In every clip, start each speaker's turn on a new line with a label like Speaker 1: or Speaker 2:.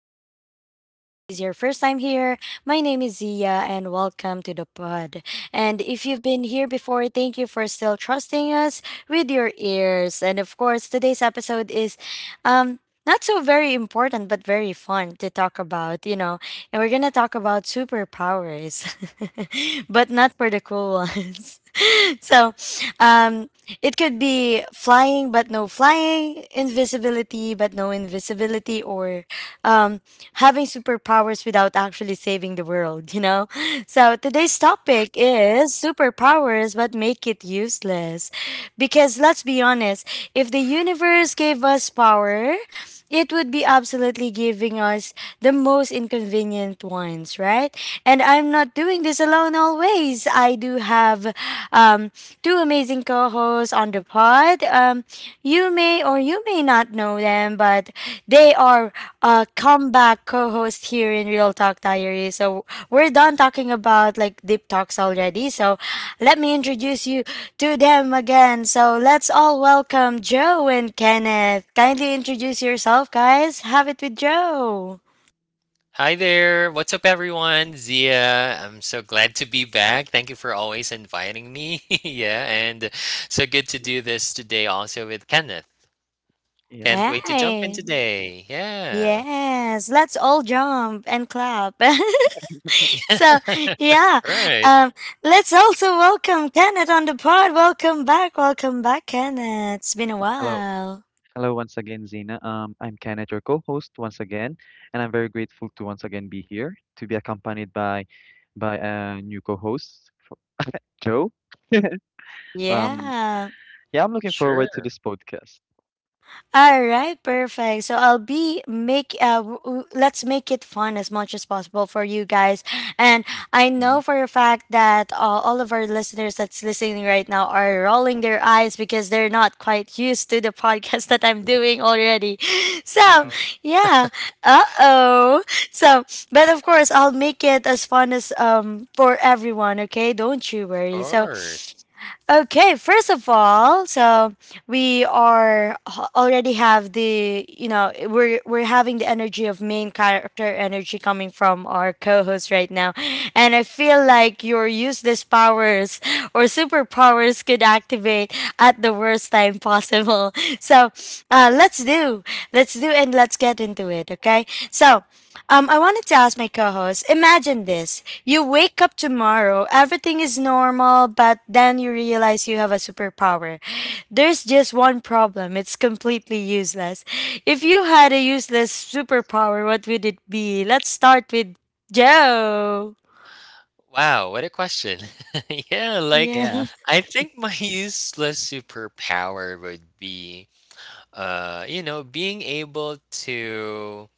Speaker 1: Diaries. If this is your first time here, my name is Zia, and welcome to the pod. And if you've been here before, thank you for still trusting us with your ears. And of course, today's episode is um, not so very important, but very fun to talk about, you know. And we're going to talk about superpowers, but not for the cool ones. so, um, it could be flying but no flying, invisibility but no invisibility, or um, having superpowers without actually saving the world, you know? So today's topic is superpowers but make it useless. Because let's be honest, if the universe gave us power, it would be absolutely giving us the most inconvenient ones, right? And I'm not doing this alone always. I do have um, two amazing co hosts on the pod. You may or you may not know them, but they are comeback co-host here in Real Talk Diary. So we're done talking about like deep talks already. So let me introduce you to them again. So let's all welcome Joe and Kenneth. Kindly introduce yourself, guys. Have it with Joe.
Speaker 2: Hi there. What's up, everyone? Zia. I'm so glad to be back. Thank you for always inviting me. Yeah, and so good to do this today also with Kenneth.
Speaker 3: Yeah.
Speaker 2: Can't wait to jump in
Speaker 1: Hi.
Speaker 2: today. Yeah.
Speaker 1: Yes. Let's all jump and clap. So yeah.
Speaker 2: All right.
Speaker 1: Um let's also welcome Kenneth on the pod. Welcome back. Welcome back, Kenneth. It's been a
Speaker 3: Hello.
Speaker 1: while.
Speaker 3: Hello once again, Zina. I'm Kenneth, your co-host once again, and I'm very grateful to once again be here to be accompanied by a new co-host, Joe. Um,
Speaker 1: Yeah.
Speaker 3: yeah, I'm looking forward to
Speaker 2: Sure.
Speaker 3: this podcast.
Speaker 1: All right, perfect. So I'll be make let's make it fun as much as possible for you guys. And I
Speaker 3: Mhm.
Speaker 1: know for a fact that all of our listeners that's listening right now are rolling their eyes because they're not quite used to the podcast that I'm doing already.
Speaker 2: Uh
Speaker 1: So,
Speaker 2: oh.
Speaker 1: yeah. Uh-oh. So, but of course, I'll make it as fun as for everyone, okay? Don't you
Speaker 2: Of
Speaker 1: worry. So,
Speaker 2: course.
Speaker 1: okay, first of all, so already have the we're having the energy of main character energy coming from our co-host right now, and I feel like your useless powers or superpowers could activate at the worst time possible. So, uh, let's do let's do and let's get into it. Okay, so I wanted to ask my co-host. Imagine this: you wake up tomorrow, everything is normal, but then you realize you have a superpower. There's just one problem, it's completely useless. If you had a useless superpower, what would it be? Let's start with Joe.
Speaker 2: Wow, what a question. yeah, like
Speaker 1: Yeah.
Speaker 3: Yeah,
Speaker 2: I think my useless superpower would be you know,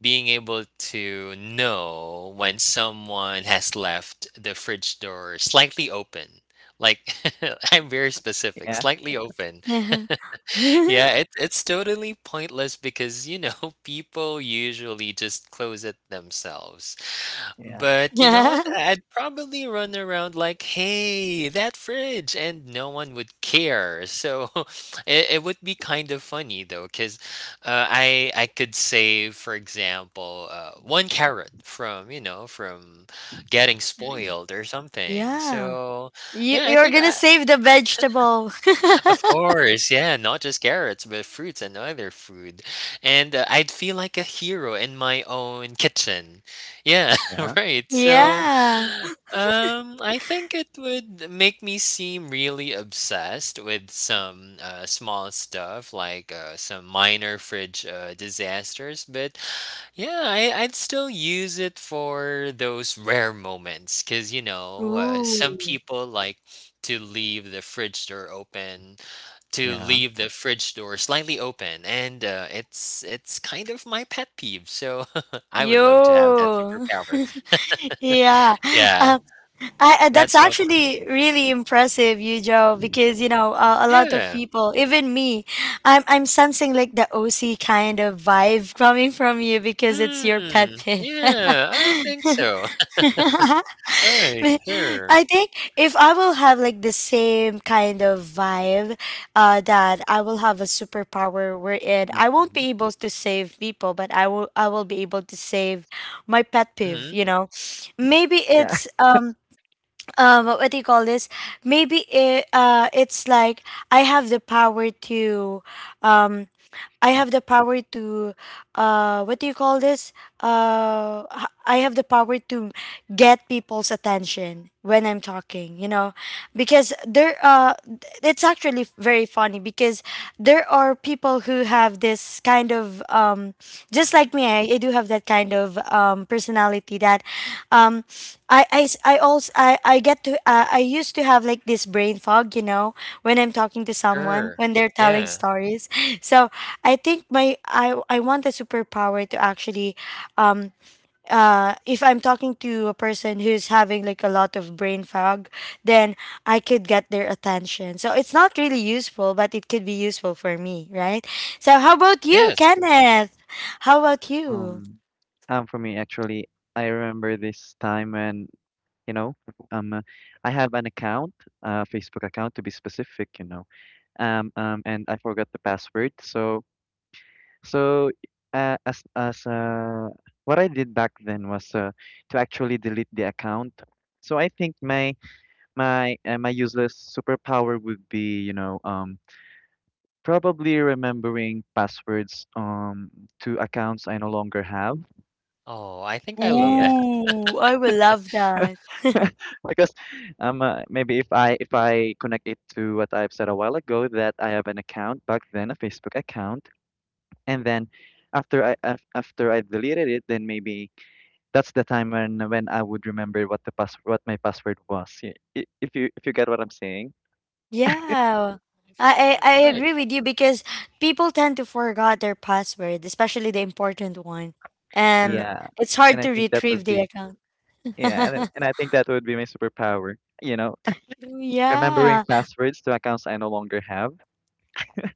Speaker 2: being able to know when someone has left the fridge door slightly open. Like I'm very specific,
Speaker 3: yeah,
Speaker 2: slightly open.
Speaker 1: Yeah.
Speaker 2: Yeah, it's totally pointless because you know people usually just close it themselves.
Speaker 3: yeah,
Speaker 2: But you know what? I'd probably run around like, hey, that fridge, and no one would care. So it would be kind of funny though, because I could save, for example, one carrot from getting
Speaker 1: yeah.
Speaker 2: spoiled or something.
Speaker 1: Yeah.
Speaker 2: So
Speaker 1: You,
Speaker 2: yeah,
Speaker 1: you're going to save the vegetable.
Speaker 2: of course, yeah, not just carrots, but fruits and other food, and I'd feel like a hero in my own kitchen. Yeah,
Speaker 3: yeah,
Speaker 2: right. So.
Speaker 1: yeah.
Speaker 2: I think it would make me seem really obsessed with some small stuff like some minor fridge disasters, but yeah, I'd still use it for those rare moments because you know, some
Speaker 1: Ooh.
Speaker 2: people like to leave the fridge door open, to
Speaker 3: yeah.
Speaker 2: leave the fridge door slightly open, and it's kind of my pet peeve. So I would love to have that
Speaker 1: You.
Speaker 2: superpower.
Speaker 1: yeah.
Speaker 2: Yeah,
Speaker 1: I that's
Speaker 2: that's all for
Speaker 1: actually
Speaker 2: me.
Speaker 1: really impressive, you Joe, because you know a lot of
Speaker 2: Yeah.
Speaker 1: people, even me, I'm sensing like the OC kind of vibe coming from you because it's your pet peeve.
Speaker 2: Yeah, I think so. Right, sure.
Speaker 1: I think if I will have like the same kind of vibe, that I will have a superpower wherein I won't
Speaker 3: Mhm.
Speaker 1: be able to save people, but I will be able to save my pet peeve.
Speaker 2: Mhm,
Speaker 1: You know, maybe
Speaker 3: Yeah.
Speaker 1: it's what do you call this, maybe it's like I have the power to um I have the power to what do you call this, I have the power to get people's attention when I'm talking, you know, because there it's actually very funny because there are people who have this kind of just like
Speaker 2: mhm,
Speaker 1: me. I do have that kind of personality that um I also I get to I used to have like this brain fog, you know, when I'm talking to someone
Speaker 2: sure.
Speaker 1: when they're telling
Speaker 2: Yeah.
Speaker 1: stories. So I think my I want a superpower to actually, um if I'm talking to a person who's having like a lot of brain fog, then I could get their attention. So it's not really useful, but it could be useful for me, right? So how about you,
Speaker 2: Yes.
Speaker 1: Kenneth? How about you?
Speaker 3: Um, for me, actually, I remember this time when, you know, um, I have an account, a Facebook account to be specific, you know. And I forgot the password. So as what I did back then was to actually delete the account. So I think my useless superpower would be probably remembering passwords to accounts I no longer have.
Speaker 2: Oh, I think I love
Speaker 3: Yeah,
Speaker 2: that.
Speaker 1: Ooh, I will love that.
Speaker 3: because maybe if I connect it to what I've said a while ago that I have an account back then, a Facebook account, and then after I deleted it, then maybe that's the time when I would remember what the pass what my password was. If you get what I'm saying,
Speaker 1: Yeah.
Speaker 2: Of course,
Speaker 1: I
Speaker 2: right.
Speaker 1: agree with you because people tend to forget their password, especially the important one. And
Speaker 2: Sure.
Speaker 3: yeah.
Speaker 1: it's hard
Speaker 3: And I
Speaker 1: to
Speaker 3: think that
Speaker 1: retrieve
Speaker 3: would
Speaker 1: the
Speaker 3: be
Speaker 1: account.
Speaker 3: Yeah, and I- and I think that would be my superpower. You know, Remembering
Speaker 1: Yeah.
Speaker 3: passwords to accounts I no longer have.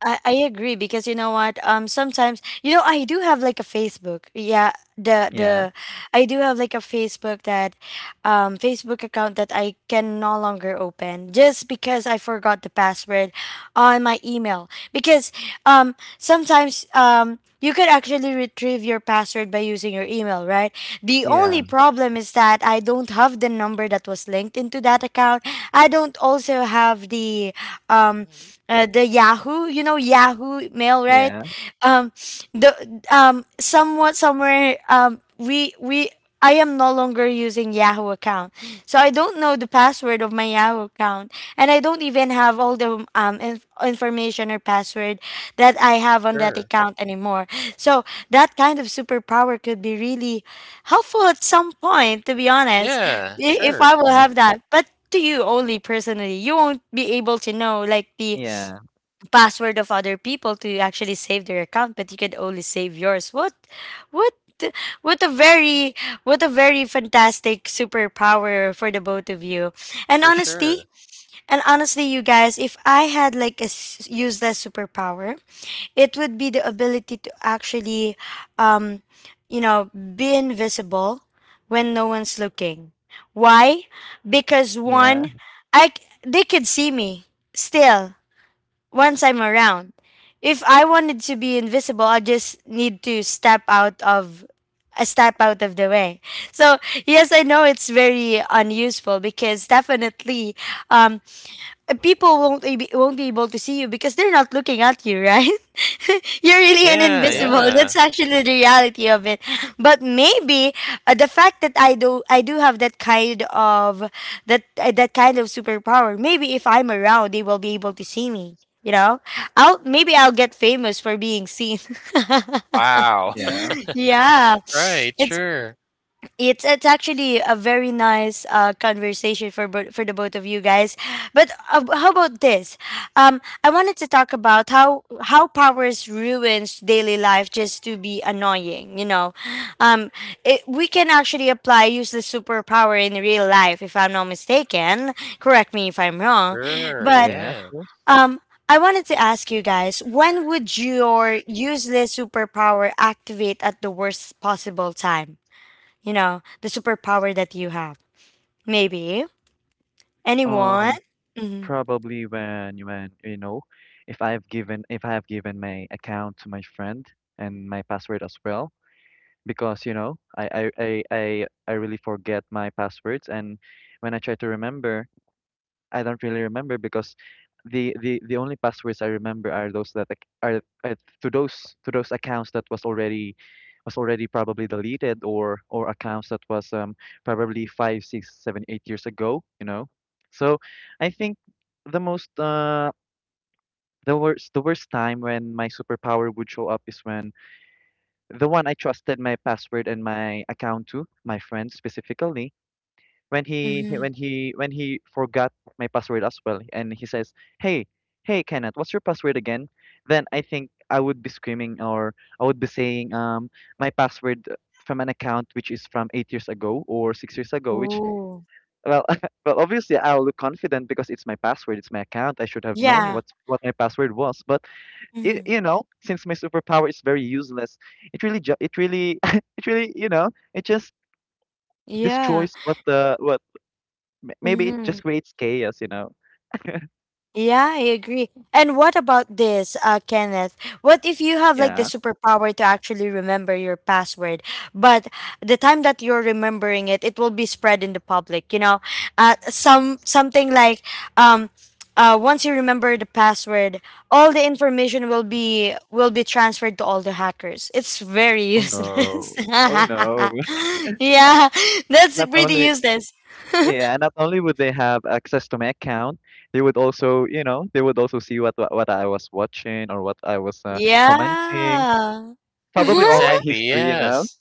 Speaker 1: I agree because you know what, sometimes, you know, I do have like a Facebook, yeah,
Speaker 3: Yeah,
Speaker 1: the I do have like a Facebook, that Facebook account that I can no longer open just because I forgot the password on my email, because sometimes you could actually retrieve your password by using your email, right? The
Speaker 3: yeah,
Speaker 1: only problem is that I don't have the number that was linked into that account. I don't also have um
Speaker 2: Mhm,
Speaker 1: the Yahoo, you know, Yahoo mail, right?
Speaker 3: yeah. Of
Speaker 1: Um the somewhat Somewhere, we I am no longer using Yahoo account. So I don't know the password of my Yahoo account, and I don't even have all the information or password that I have on that
Speaker 2: sure.
Speaker 1: account anymore. So that kind of superpower could be really helpful at some point, to be honest,
Speaker 2: Yeah,
Speaker 1: if I
Speaker 2: sure,
Speaker 1: will have
Speaker 3: course.
Speaker 1: that. But to you only personally, you won't be able to know like the
Speaker 3: Yeah,
Speaker 1: password of other people to actually save their account, but you can only save yours. What what a very, what a very fantastic superpower for the both of you. And
Speaker 2: for
Speaker 1: honestly,
Speaker 2: sure.
Speaker 1: and honestly, you guys, if I had like a useless superpower, it would be the ability to actually, um you know, be invisible when no one's looking. Why? Because
Speaker 3: yeah,
Speaker 1: one, they could see me still once I'm around. If I wanted to be invisible, I just need to step out of a step out of the way. So yes, I know it's very unuseful because definitely, um, people won't be able to see you because they're not looking at you, right? You're really an
Speaker 2: Yeah,
Speaker 3: yeah,
Speaker 1: invisible.
Speaker 2: yeah.
Speaker 1: That's actually the reality of it. But maybe, the fact that I do have that kind of, that kind of superpower, maybe if I'm around, they will be able to see me. You know, I'll maybe I'll get famous for being seen.
Speaker 2: Wow.
Speaker 3: yeah,
Speaker 1: yeah,
Speaker 2: Right,
Speaker 1: it's
Speaker 2: sure.
Speaker 1: it's actually a very nice conversation for for the both of you guys. But how about this? I wanted to talk about how powers ruins daily life just to be annoying. You know, um, we can actually apply useless superpower in real life, if I'm not mistaken. Correct me if I'm wrong.
Speaker 2: Sure,
Speaker 1: But
Speaker 3: yeah. Of
Speaker 2: yeah.
Speaker 3: course.
Speaker 1: um, I wanted to ask you guys, when would your useless superpower activate at the worst possible time? You know, the superpower that you have. Maybe anyone?
Speaker 3: Um.
Speaker 1: Mm-hmm.
Speaker 3: Probably when you know, if I have given my account to my friend and my password as well, because you know I really forget my passwords, and when I try to remember. I don't really remember because the only passwords I remember are those that are to those accounts that was already probably deleted, or accounts that was probably five, six, seven, 8 years ago, you know. So I think the most uh the worst time when my superpower would show up is when the one I trusted my password and my account to, my friend specifically, when he-
Speaker 1: Mm-hmm.
Speaker 3: when he when he forgot my password as well, and he says, hey, Kenneth, what's your password again? Then I think I would be screaming, or I would be saying my password from an account which is from 8 years ago or 6 years ago which.
Speaker 1: Ooh.
Speaker 3: Well, well, obviously I'll look confident because it's my password, it's my account, I should have known
Speaker 1: Yeah.
Speaker 3: what my password was, but
Speaker 1: Mm-hmm.
Speaker 3: you know, since my superpower is very useless, it really it really you know it just
Speaker 1: Yeah.
Speaker 3: destroys what the what. Maybe it
Speaker 1: Mm-hmm.
Speaker 3: just creates chaos, you know?
Speaker 1: Yeah, I agree. And what about this, Kenneth? What if you have like the
Speaker 3: Yeah.
Speaker 1: superpower to actually remember your password, but the time that you're remembering it, it will be spread in the public. You know, something like, um, once you remember the password, all the information will be transferred to all the hackers. It's very
Speaker 3: Oh
Speaker 1: useless.
Speaker 3: no. Oh no.
Speaker 1: yeah, that's
Speaker 3: Not
Speaker 1: pretty
Speaker 3: only
Speaker 1: useless.
Speaker 3: Yeah, not only would they have access to my account, they would also see what I was watching, or what I was commenting.
Speaker 1: Yeah.
Speaker 3: Probably all my
Speaker 2: Exactly,
Speaker 3: history, you know?
Speaker 2: yes.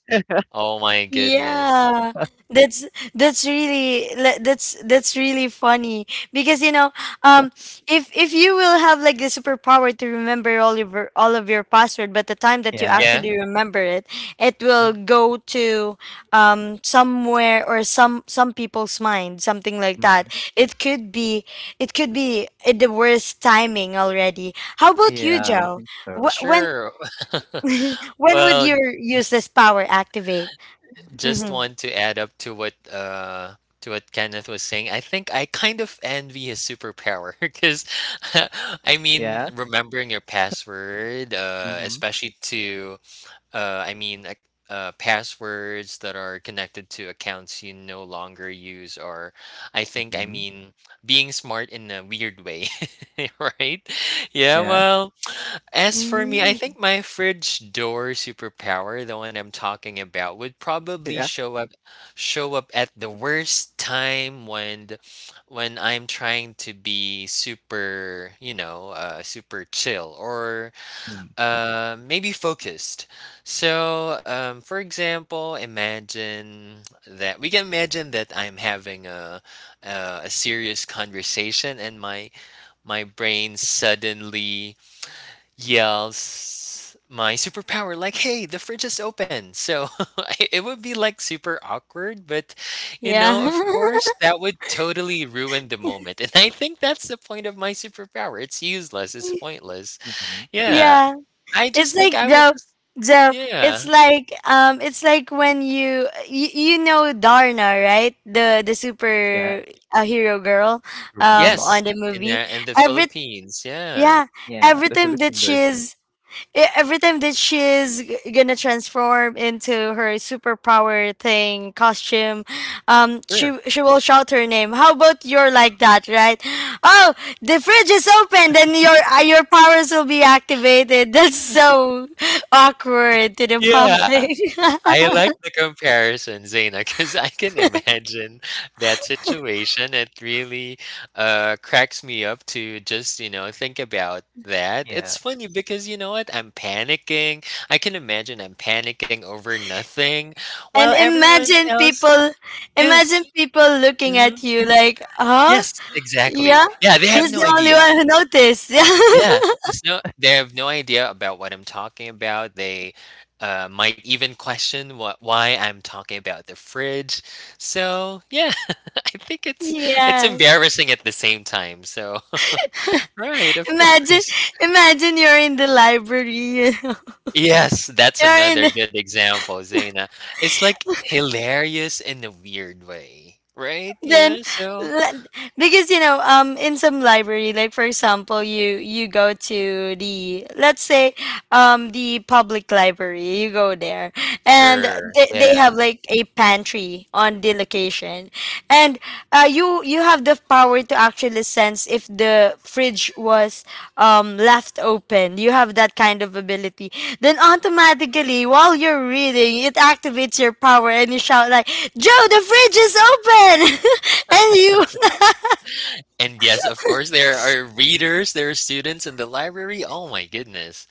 Speaker 2: Oh my goodness.
Speaker 1: Yeah, that's that's really funny because you know um if you will have like the superpower to remember all of your password, but the time that you
Speaker 3: Yeah.
Speaker 2: Yeah.
Speaker 1: actually remember it, it will
Speaker 2: Mhm.
Speaker 1: go to somewhere, or some people's mind, something like
Speaker 3: Mm-hmm.
Speaker 1: that. It could be, it could be at the worst timing already. How about you,
Speaker 3: Yeah, I
Speaker 1: Joe?
Speaker 3: think so.
Speaker 1: When
Speaker 2: Sure.
Speaker 1: when would
Speaker 2: Well,
Speaker 1: your use this power activate?
Speaker 2: just
Speaker 1: Mm-hmm.
Speaker 2: want to add up to what Kenneth was saying. I think I kind of envy his superpower because I mean
Speaker 3: Yeah.
Speaker 2: remembering your password,
Speaker 3: Mm-hmm.
Speaker 2: especially to uh, I mean ac- passwords that are connected to accounts you no longer use, or I think I
Speaker 3: Mm-hmm.
Speaker 2: mean being smart in a weird way, right? Yeah,
Speaker 3: Yeah.
Speaker 2: well. As for me, I think
Speaker 1: Mm,
Speaker 2: my fridge door superpower, the one I'm talking about, would probably
Speaker 3: Yeah.
Speaker 2: show up at the worst time when I'm trying to be super, you know, super chill or maybe focused. So, for example, imagine that I'm having a serious conversation and my brain suddenly yells my superpower like, hey, the fridge is open. So it would be like super awkward, but you
Speaker 1: yeah.
Speaker 2: know, of course that would totally ruin the moment. And I think that's the point of my superpower: it's useless, it's pointless.
Speaker 3: Mm-hmm. Yeah.
Speaker 2: Yeah,
Speaker 1: Yeah.
Speaker 2: I
Speaker 1: It's
Speaker 2: just think
Speaker 1: like
Speaker 2: I would
Speaker 1: Joe,
Speaker 2: just
Speaker 1: Joe.
Speaker 2: yeah,
Speaker 1: It's like, it's like when you, you know Darna, right? The
Speaker 3: Yeah.
Speaker 1: super, hero girl
Speaker 3: Superwoman.
Speaker 2: yes,
Speaker 1: on the
Speaker 2: in
Speaker 1: movie.
Speaker 2: there in the
Speaker 1: Every
Speaker 2: Philippines. Yeah,
Speaker 1: Yeah,
Speaker 3: Yeah.
Speaker 1: every
Speaker 3: The
Speaker 1: time that
Speaker 3: Philippine version.
Speaker 1: she's, every time that she's gonna transform into her superpower thing costume,
Speaker 2: sure.
Speaker 1: she will shout her name. How about you're like that, right? Oh, the fridge is open, then your, your powers will be activated. That's so awkward to the
Speaker 3: Yeah.
Speaker 2: Yeah.
Speaker 1: public.
Speaker 2: I like the comparison, Zaina, because I can imagine that situation. It really cracks me up to just, you know, think about that. It's
Speaker 3: Yeah.
Speaker 2: funny because, you know what? I'm panicking. I can imagine I'm panicking over nothing while
Speaker 1: And
Speaker 2: everyone
Speaker 1: imagine
Speaker 2: else,
Speaker 1: people, imagine
Speaker 2: yes.
Speaker 1: people looking
Speaker 2: Hmm.
Speaker 1: at you like, huh?
Speaker 2: Yes, exactly.
Speaker 1: Yeah,
Speaker 2: Yeah, they have
Speaker 1: he's
Speaker 2: no
Speaker 1: the only
Speaker 2: idea.
Speaker 1: one who noticed.
Speaker 2: Yeah, there's no they have no idea about what I'm talking about. They might even question what why I'm talking about the fridge. So yeah, I think it's
Speaker 1: yeah.
Speaker 2: embarrassing at the same time. So right, of
Speaker 1: Imagine,
Speaker 2: course.
Speaker 1: imagine you're in the library. You know?
Speaker 2: Yes, that's
Speaker 1: You're in
Speaker 2: another
Speaker 1: the,
Speaker 2: good example, Zaina. It's like hilarious in a weird way, right?
Speaker 1: then
Speaker 2: Yeah, so
Speaker 1: le- because you know in some library, like for example, you go to the, let's say, the public library. You go there, and
Speaker 2: sure.
Speaker 1: they
Speaker 2: Yeah.
Speaker 1: have like a pantry on the location. And you, you have the power to actually sense if the fridge was, left open. You have that kind of ability. Then automatically, while you're reading, it activates your power, and you shout like, "Joe, the fridge is open!" and you
Speaker 2: And yes, of course, there are readers, there are students in the library. Oh my goodness.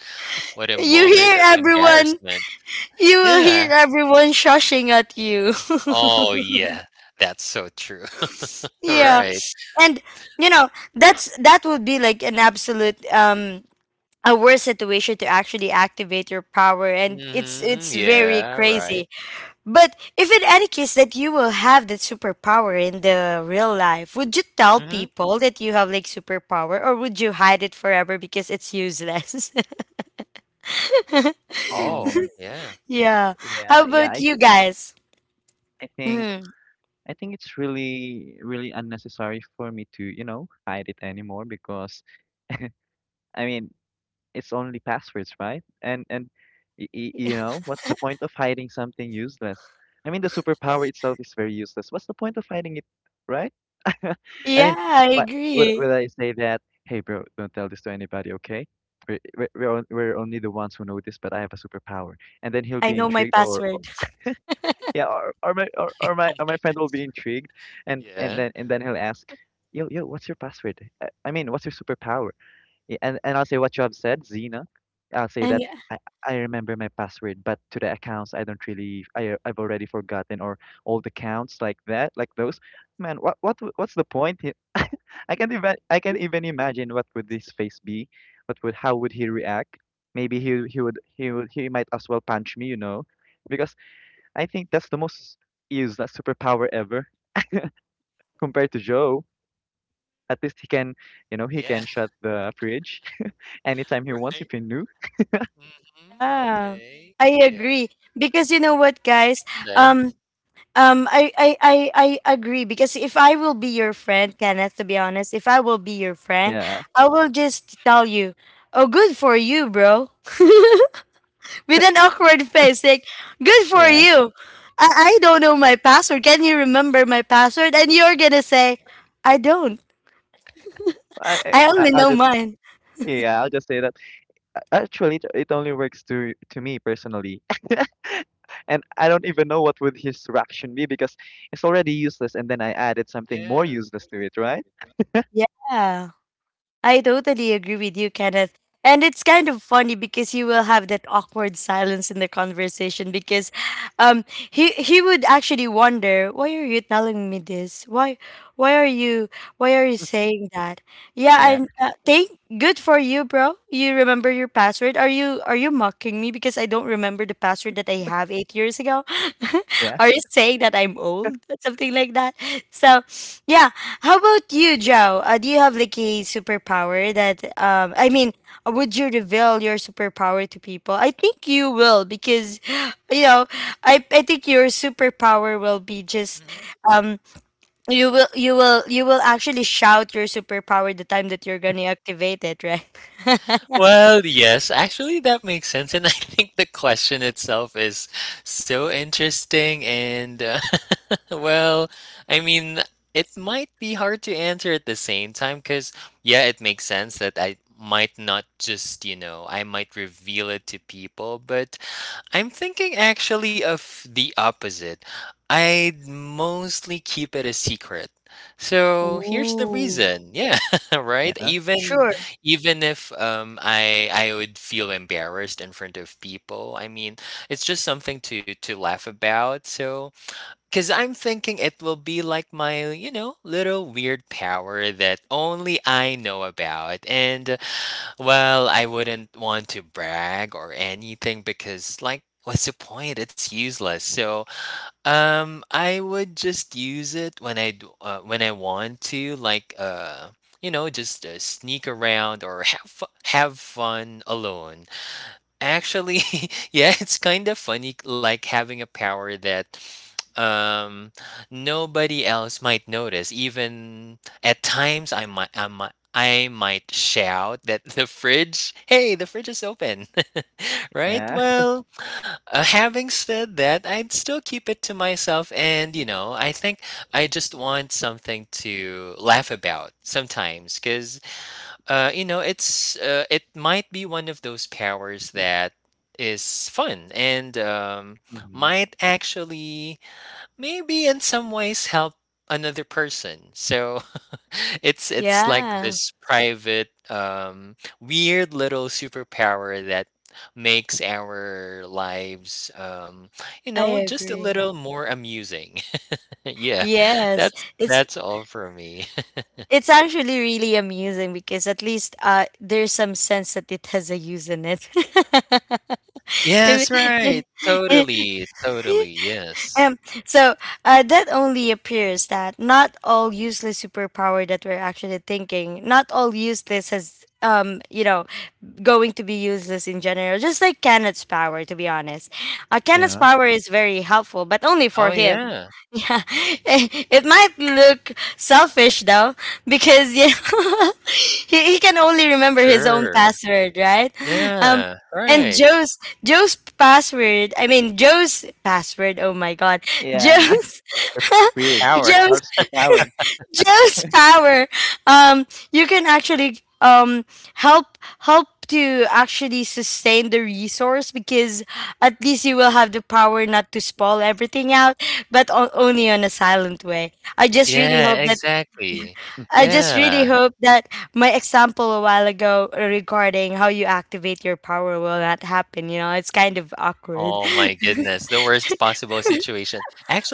Speaker 2: What a
Speaker 1: you
Speaker 2: moment
Speaker 1: hear
Speaker 2: of
Speaker 1: everyone.
Speaker 2: embarrassment.
Speaker 1: You will
Speaker 2: Yeah.
Speaker 1: hear everyone shushing at you.
Speaker 2: Oh, yeah. That's so true.
Speaker 1: yeah,
Speaker 2: Right.
Speaker 1: and you know That's that would be like an absolute a worse situation to actually activate your power, and it's
Speaker 2: Mhm.
Speaker 1: it's very
Speaker 2: Yeah, right.
Speaker 1: crazy. But if in any case that you will have that superpower in the real life, would you tell
Speaker 2: Mhm.
Speaker 1: people that you have like superpower, or would you hide it forever because it's useless?
Speaker 2: Oh,
Speaker 3: Um.
Speaker 2: yeah.
Speaker 1: Yeah, how
Speaker 3: Yeah. Yeah.
Speaker 1: about
Speaker 3: I,
Speaker 1: you guys?
Speaker 3: I think.
Speaker 1: Mhm.
Speaker 3: I think it's really, really unnecessary for me to, hide it anymore, because I mean, it's only passwords, right? And y y you know, what's the point of hiding something useless? I mean, the superpower itself is very useless. What's the point of hiding it, right? I
Speaker 1: Yeah,
Speaker 3: mean,
Speaker 1: I
Speaker 3: what would
Speaker 1: agree.
Speaker 3: would I say that, "Hey, bro, don't tell this to anybody, okay? We're only the ones who know this, but I have a superpower." And then he'll
Speaker 1: I
Speaker 3: be
Speaker 1: know my
Speaker 3: intrigued, or
Speaker 1: password.
Speaker 3: yeah,
Speaker 2: Oh
Speaker 3: or my
Speaker 2: my.
Speaker 3: friend will be intrigued, and and
Speaker 2: Yeah.
Speaker 3: then and then he'll ask, "Yo, yo, what's your password? I mean, what's your superpower?" And I'll say what you have said, Zena. I'll say
Speaker 1: And
Speaker 3: that I I remember my password, but to the accounts I don't really I I've already forgotten, or old accounts like that, like those. Man, what's the point here? I can't even imagine what would his face be, what would how would he react? Maybe he might as well punch me, you know, because I think that's the most useless superpower ever, compared to Joe. At least he can, you know, he
Speaker 2: Yeah,
Speaker 3: can shut the fridge anytime he wants if
Speaker 2: right.
Speaker 3: he knew.
Speaker 2: Mhm.
Speaker 1: yeah,
Speaker 2: Okay.
Speaker 1: I
Speaker 2: Yeah,
Speaker 1: agree. Because you know what,
Speaker 2: that
Speaker 1: guys,
Speaker 2: makes sense.
Speaker 1: um I agree because if I will be your friend, Kenneth, to be honest, if I will be your friend,
Speaker 3: Yeah,
Speaker 1: I will just tell you, oh, good for you, bro, with an awkward face, like, good for
Speaker 3: yeah.
Speaker 1: you. I don't know my password. Can you remember my password? And you're gonna say, I don't.
Speaker 3: I, I,
Speaker 1: I
Speaker 3: I-
Speaker 1: only
Speaker 3: I'll
Speaker 1: know
Speaker 3: just,
Speaker 1: mine.
Speaker 3: yeah, I'll just say that. Actually, it only works to me personally, and I don't even know what would his reaction be, because it's already useless, and then I added something more
Speaker 2: Yeah.
Speaker 3: useless to it, right?
Speaker 1: Yeah. I totally agree with you, Kenneth. And it's kind of funny because you will have that awkward silence in the conversation because he would actually wonder, why are you telling me this? Why why are you why are you saying that? Yeah,
Speaker 3: Yeah,
Speaker 1: and thank good for you, bro. You remember your password? Are you mocking me because I don't remember the password that I have 8 years ago?
Speaker 3: yeah,
Speaker 1: Are you saying that I'm old? Something like that. So, yeah. How about you, Joe? Do you have like a superpower that? I mean, would you reveal your superpower to people? I think you will because, you know, I think your superpower will be just
Speaker 2: Mhm.
Speaker 1: um you will actually shout your superpower the time that you're gonna activate it, right?
Speaker 2: Well, yes, actually, that makes sense. And I think the question itself is so interesting. And, well, I mean, it might be hard to answer at the same time because, yeah, it makes sense that I might not just, you know, I might reveal it to people. But I'm thinking actually of the opposite. I'd mostly keep it a secret. So here's the
Speaker 1: Ooh,
Speaker 2: reason. Yeah, right.
Speaker 3: yeah,
Speaker 1: sure.
Speaker 2: Even if I would feel embarrassed in front of people. I mean, it's just something to laugh about. So cuz I'm thinking it will be like my, you know, little weird power that only I know about. And well, I wouldn't want to brag or anything because, like, what's the point? It's useless. So, I would just use it when when I want to, like, you know, just sneak around or have fun alone. Actually, yeah, it's kind of funny, like having a power that um nobody else might notice. Even at times, I might shout that the fridge, hey, the fridge is open, right?
Speaker 3: yeah,
Speaker 2: Well, having said that, I'd still keep it to myself, and you know, I think I just want something to laugh about sometimes, because you know, it might be one of those powers that is fun and
Speaker 3: hmm,
Speaker 2: might actually maybe in some ways help another person. So it's like
Speaker 1: Yeah,
Speaker 2: this private weird little superpower that makes our lives you
Speaker 1: I
Speaker 2: know, just a
Speaker 1: agree.
Speaker 2: little more amusing. yeah,
Speaker 1: Yes, it's
Speaker 2: that's all for me.
Speaker 1: actually really amusing because at least there's some sense that it has a use in it. If-
Speaker 2: Yes, right. Totally, totally, yes.
Speaker 1: Um, so that only appears that not all useless superpower that we're actually thinking, not all useless has going to be useless in general. Just like Kenneth's power, to be honest, Kenneth's
Speaker 3: yeah,
Speaker 1: power is very helpful, but only
Speaker 2: Oh,
Speaker 1: for him.
Speaker 2: yeah.
Speaker 1: Yeah, it might look selfish though, because you know, he can only remember his own
Speaker 2: Sure.
Speaker 1: password, right? Um.
Speaker 2: Yeah,
Speaker 1: And
Speaker 2: right.
Speaker 1: Joe's password. I mean, Joe's password. Oh my god.
Speaker 3: yeah.
Speaker 1: Joe's
Speaker 3: Fridge,
Speaker 2: Power.
Speaker 1: Joe's
Speaker 3: our superpower.
Speaker 1: Joe's power. You can actually help to actually sustain the resource because at least you will have the power not to spoil everything out, but o- only on a silent way. I just really
Speaker 2: Yeah,
Speaker 1: hope that
Speaker 2: exactly.
Speaker 1: I
Speaker 3: Mhm.
Speaker 1: just really
Speaker 2: Yeah.
Speaker 1: hope that my example a while ago regarding how you activate your power will not happen. You know, it's kind of awkward.
Speaker 2: Oh my goodness, the worst possible situation.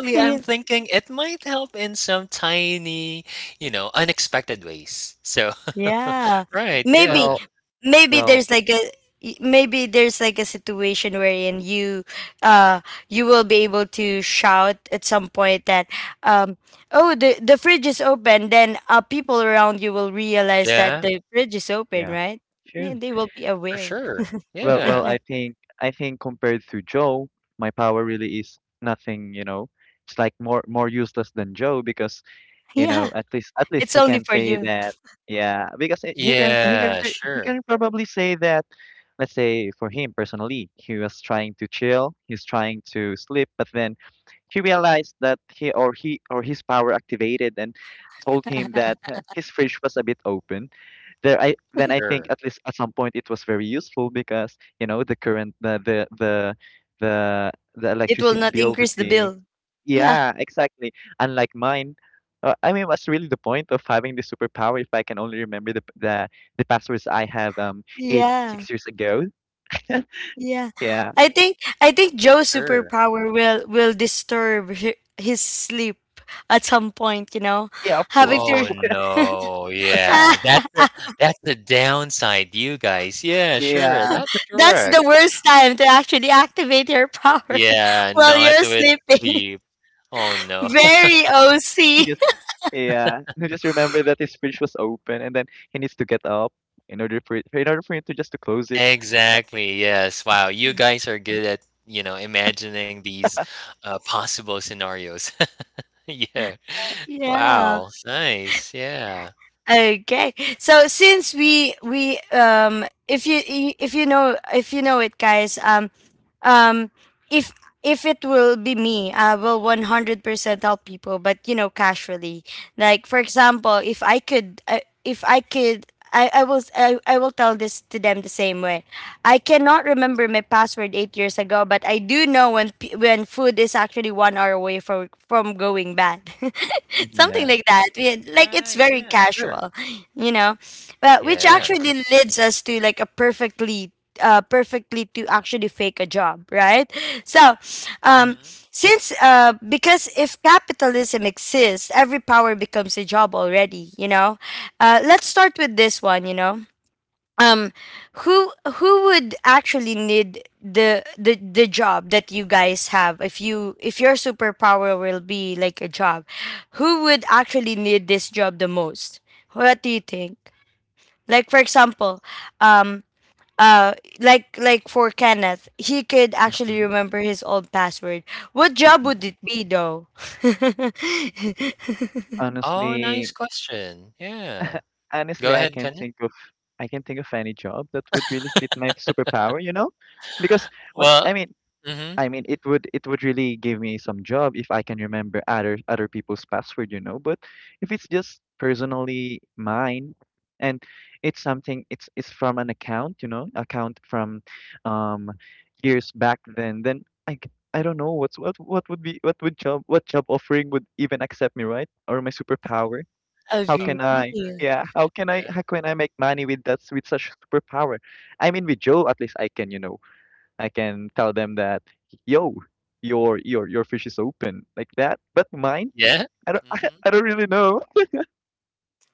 Speaker 2: I'm
Speaker 1: Yeah.
Speaker 2: thinking it might help in some tiny, you know, unexpected ways. So,
Speaker 1: Yeah.
Speaker 2: right,
Speaker 1: Maybe
Speaker 2: yeah.
Speaker 3: Well,
Speaker 1: maybe
Speaker 3: well,
Speaker 1: there's like a y- maybe there's like a situation wherein you uh you will be able to shout at some point that um oh, the fridge is open, then people around you will realize that
Speaker 2: Yeah,
Speaker 1: the fridge is open,
Speaker 3: Yeah.
Speaker 1: right? Yeah,
Speaker 3: Sure.
Speaker 1: they will be
Speaker 2: for
Speaker 1: aware.
Speaker 2: sure.
Speaker 3: Well,
Speaker 2: Yeah.
Speaker 3: I think I think compared to Joe, my power really is nothing, you know. It's like more useless than Joe, because, you
Speaker 1: Yeah,
Speaker 3: know, at least at
Speaker 1: it's
Speaker 3: least he
Speaker 1: only
Speaker 3: can
Speaker 1: for
Speaker 3: say
Speaker 1: you.
Speaker 3: that, yeah, because he he can he can
Speaker 2: Yeah,
Speaker 3: pre- he can
Speaker 2: sure.
Speaker 3: probably say that, let's say for him personally, he was trying to chill, he's trying to sleep, but then he realized that, he or his power activated, and told him that his fridge was a bit open. There I Then I think
Speaker 2: Sure.
Speaker 3: at least at some point it was very useful, because you know the current the
Speaker 1: It will
Speaker 3: electricity
Speaker 1: not
Speaker 3: bill
Speaker 1: increase
Speaker 3: would
Speaker 1: the
Speaker 3: be.
Speaker 1: bill. Yeah,
Speaker 3: Yeah, exactly. Unlike mine. I mean, what's really the point of having the superpower if I can only remember the passwords I have eight
Speaker 1: yeah.
Speaker 3: six years ago.
Speaker 1: Yeah,
Speaker 3: Yeah,
Speaker 1: I think Joe's
Speaker 2: Sure.
Speaker 1: superpower will disturb hi- his sleep at some point. You know,
Speaker 3: yeah, of
Speaker 1: having
Speaker 3: course.
Speaker 1: to
Speaker 2: Oh,
Speaker 1: re-
Speaker 2: no, yeah,
Speaker 1: Ah,
Speaker 2: that's the downside, you guys. Yeah, sure,
Speaker 3: yeah
Speaker 2: that's
Speaker 1: that's
Speaker 2: correct.
Speaker 1: the worst time to actually activate your power
Speaker 2: Yeah,
Speaker 1: while
Speaker 2: not
Speaker 1: you're
Speaker 2: with
Speaker 1: sleeping.
Speaker 2: sleep. Oh, no.
Speaker 1: Very
Speaker 3: he
Speaker 1: OC.
Speaker 3: just, yeah he just remember that his fridge was open, and then he needs to get up in order for him to just to close it.
Speaker 2: Exactly, yes. Wow, you guys are good at, you know, imagining these possible scenarios. Yeah.
Speaker 1: Yeah.
Speaker 2: Wow, nice, yeah.
Speaker 1: Okay. So since we if you I- if you know, if you know it, guys, um if if it will be me, I will 100% help people, but you know, casually. Like for example, if I could I will s- I will tell this to them the same way. I cannot remember my password 8 years ago, but I do know when p- when food is actually 1 hour away from going bad. Something
Speaker 3: Yeah.
Speaker 1: like that. Like, it's
Speaker 2: Right,
Speaker 1: very
Speaker 2: yeah, sure.
Speaker 1: casual, you know. But which
Speaker 2: Yeah.
Speaker 1: actually leads us to like a perfectly to actually fake a job, right? So, um
Speaker 2: Mhm.
Speaker 1: since because if capitalism exists, every power becomes a job already, you know. Let's start with this one, you know, um who who would actually need the job that you guys have, if you if your superpower will be like a job? Who would actually need this job the most? What do you think? Like, for example, um uh like for Kenneth, he could actually remember his old password. What job
Speaker 3: Mhm.
Speaker 1: would it be though?
Speaker 2: Oh, nice
Speaker 3: Honestly,
Speaker 2: question. Yeah. Go
Speaker 3: honestly,
Speaker 2: ahead, Kenneth.
Speaker 3: I can't think of any job that would really fit my superpower, you know? Because what's
Speaker 2: Well,
Speaker 3: I mean,
Speaker 2: mhm.
Speaker 3: it would really give me some job if I can remember other people's password, you know, but if it's just personally mine, and it's something it's from an account, you know, account from um years back then I don't know what's what would be what would job what job offering would even accept me, right? Or my superpower. How
Speaker 2: Job
Speaker 1: Agree.
Speaker 3: can I?
Speaker 2: offering.
Speaker 3: Yeah, how can I?
Speaker 2: Yeah.
Speaker 3: How can I make money with that, with such superpower? I mean, with Joe, at least I can, you know, I can tell them that, yo, your fish is open, like that. But mine,
Speaker 2: Yeah.
Speaker 3: I don't, I,
Speaker 2: Mhm.
Speaker 3: I don't really know.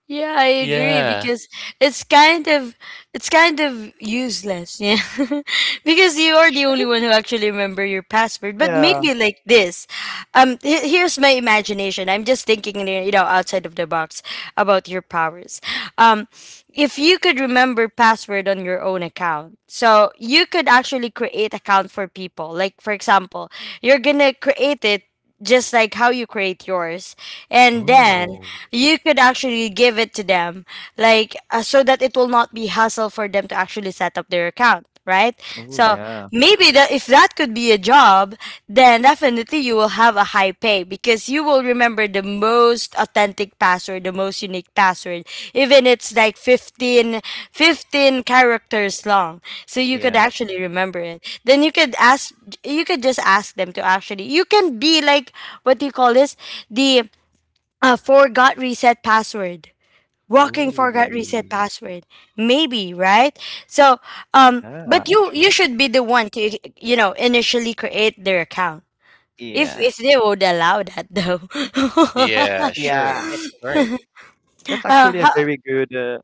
Speaker 1: Yeah, I agree
Speaker 2: Yeah.
Speaker 1: because it's kind of it's kind of useless, yeah. Because you are the only one who actually remember your password. But
Speaker 3: Yeah.
Speaker 1: maybe like this, he- here's my imagination. I'm just thinking, you know, outside of the box about your powers. Um, if you could remember password on your own account, so you could actually create account for people. Like, for example, you're gonna create it just like how you create yours, and then
Speaker 3: Oh.
Speaker 1: you could actually give it to them, like so that it will not be hassle for them to actually set up their account, right?
Speaker 3: Oh
Speaker 1: So
Speaker 3: yeah.
Speaker 1: maybe that if that could be a job, then definitely you will have a high pay because you will remember the most authentic password, the most unique password, even it's like 15 characters long. So you could
Speaker 3: Yeah.
Speaker 1: actually remember it. Then you could ask, you could just ask them to actually, you can be like, what do you call this? The forgot reset password, walking forgot reset
Speaker 3: Oh.
Speaker 1: password, maybe, right? So
Speaker 3: Yeah.
Speaker 1: but you
Speaker 3: Actually.
Speaker 1: should be the one to, you know, initially create their account,
Speaker 3: Yeah.
Speaker 1: if they would allow that though.
Speaker 2: Yeah,
Speaker 3: Yeah.
Speaker 2: sure. Right.
Speaker 3: That's
Speaker 1: uh,
Speaker 3: actually a
Speaker 1: how,
Speaker 3: very good. Uh,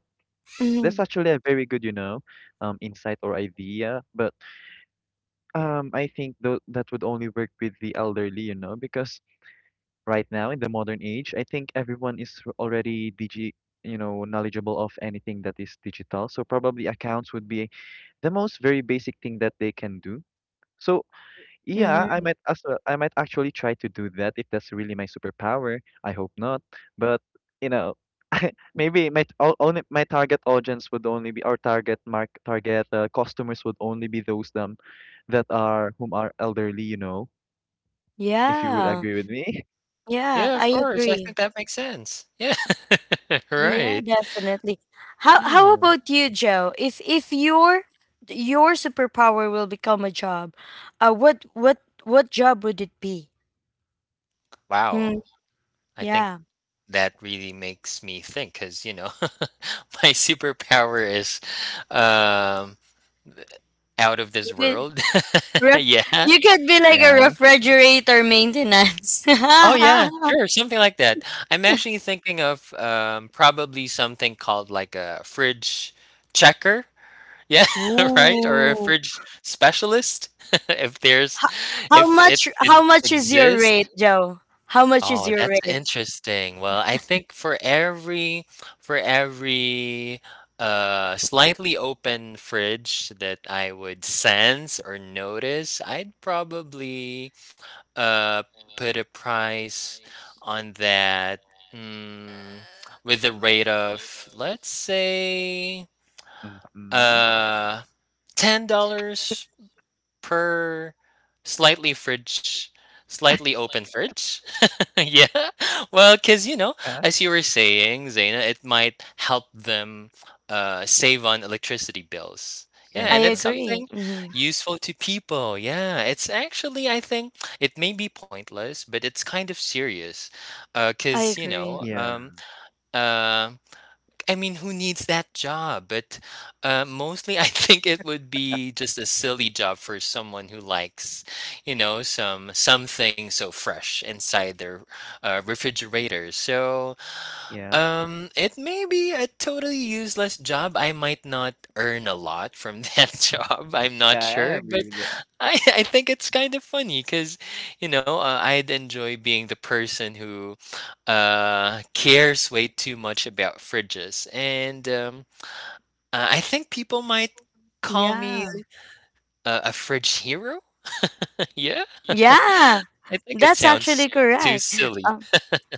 Speaker 3: that's
Speaker 1: mhm,
Speaker 3: actually a very good, insight or idea. But I think though, that would only work with the elderly, you know, because right now in the modern age, I think everyone is already knowledgeable of anything that is digital. So probably accounts would be the most very basic thing that they can do. So yeah, I
Speaker 1: mhm.
Speaker 3: might as well, I might actually try to do that if that's really my superpower. I hope not, but you know, maybe only my target audience would only be our target mark target customers, would only be those them that are whom are elderly, you know, if you would
Speaker 1: Yeah,
Speaker 3: agree with me.
Speaker 1: yeah,
Speaker 2: Yeah,
Speaker 1: I
Speaker 2: of course, I
Speaker 1: agree.
Speaker 2: think that makes sense. Yeah.
Speaker 1: Yeah,
Speaker 2: Right.
Speaker 1: definitely. How
Speaker 2: Hmm.
Speaker 1: about you, Joe? If your your superpower will become a job, what what job would it be? Hmm.
Speaker 2: Wow. I think
Speaker 1: Yeah.
Speaker 2: that really makes me think, because you know, my superpower is, um, out of
Speaker 1: You
Speaker 2: this
Speaker 1: can
Speaker 2: world.
Speaker 1: Ref-
Speaker 2: Yeah.
Speaker 1: you could be like a
Speaker 3: Yeah.
Speaker 1: refrigerator maintenance.
Speaker 2: Oh, yeah. Sure, something like that. I'm actually thinking of, probably something called, like, a fridge checker. Yeah, right? Or a
Speaker 1: Ooh.
Speaker 2: fridge specialist, if there's
Speaker 1: How, how
Speaker 2: if it
Speaker 1: much
Speaker 2: could
Speaker 1: is your
Speaker 2: exist.
Speaker 1: rate, Joe? How much is
Speaker 2: Oh,
Speaker 1: your
Speaker 2: that's
Speaker 1: rate?
Speaker 2: interesting. Well, I think for every, slightly open fridge that I would sense or notice, I'd probably, uh, put a price on that, mm, with a rate of, let's say,
Speaker 3: Mm-hmm.
Speaker 2: uh, $10 per slightly fridge slightly open fridge? Yeah. Well, 'cause, you know,
Speaker 3: Yeah.
Speaker 2: as you were saying, Zaina, it might help them, save on electricity bills. Yeah,
Speaker 3: Yeah,
Speaker 1: I
Speaker 2: and it's
Speaker 3: true.
Speaker 1: agree.
Speaker 2: something
Speaker 1: Hmm.
Speaker 2: useful to people, yeah. It's actually I think it may be pointless, but it's kind of serious,
Speaker 1: I
Speaker 2: 'cause, you know,
Speaker 1: agree.
Speaker 3: Yeah.
Speaker 2: uh I mean, who needs that job? But mostly, I think it would be just a silly job for someone who likes, you know, something so fresh inside their refrigerator. So
Speaker 3: Yeah.
Speaker 2: it may be a totally useless job. I might not earn a lot from that job. I'm not
Speaker 3: Yeah, I
Speaker 2: sure,
Speaker 3: agree
Speaker 2: but
Speaker 3: with that.
Speaker 2: I think it's kind of funny because, you know, I'd enjoy being the person who cares way too much about fridges. And I think people might call me
Speaker 1: Yeah.
Speaker 2: a fridge hero. yeah.
Speaker 1: Yeah.
Speaker 2: I think it
Speaker 1: That's
Speaker 2: sounds
Speaker 1: actually
Speaker 2: too
Speaker 1: correct.
Speaker 2: silly.
Speaker 1: Um,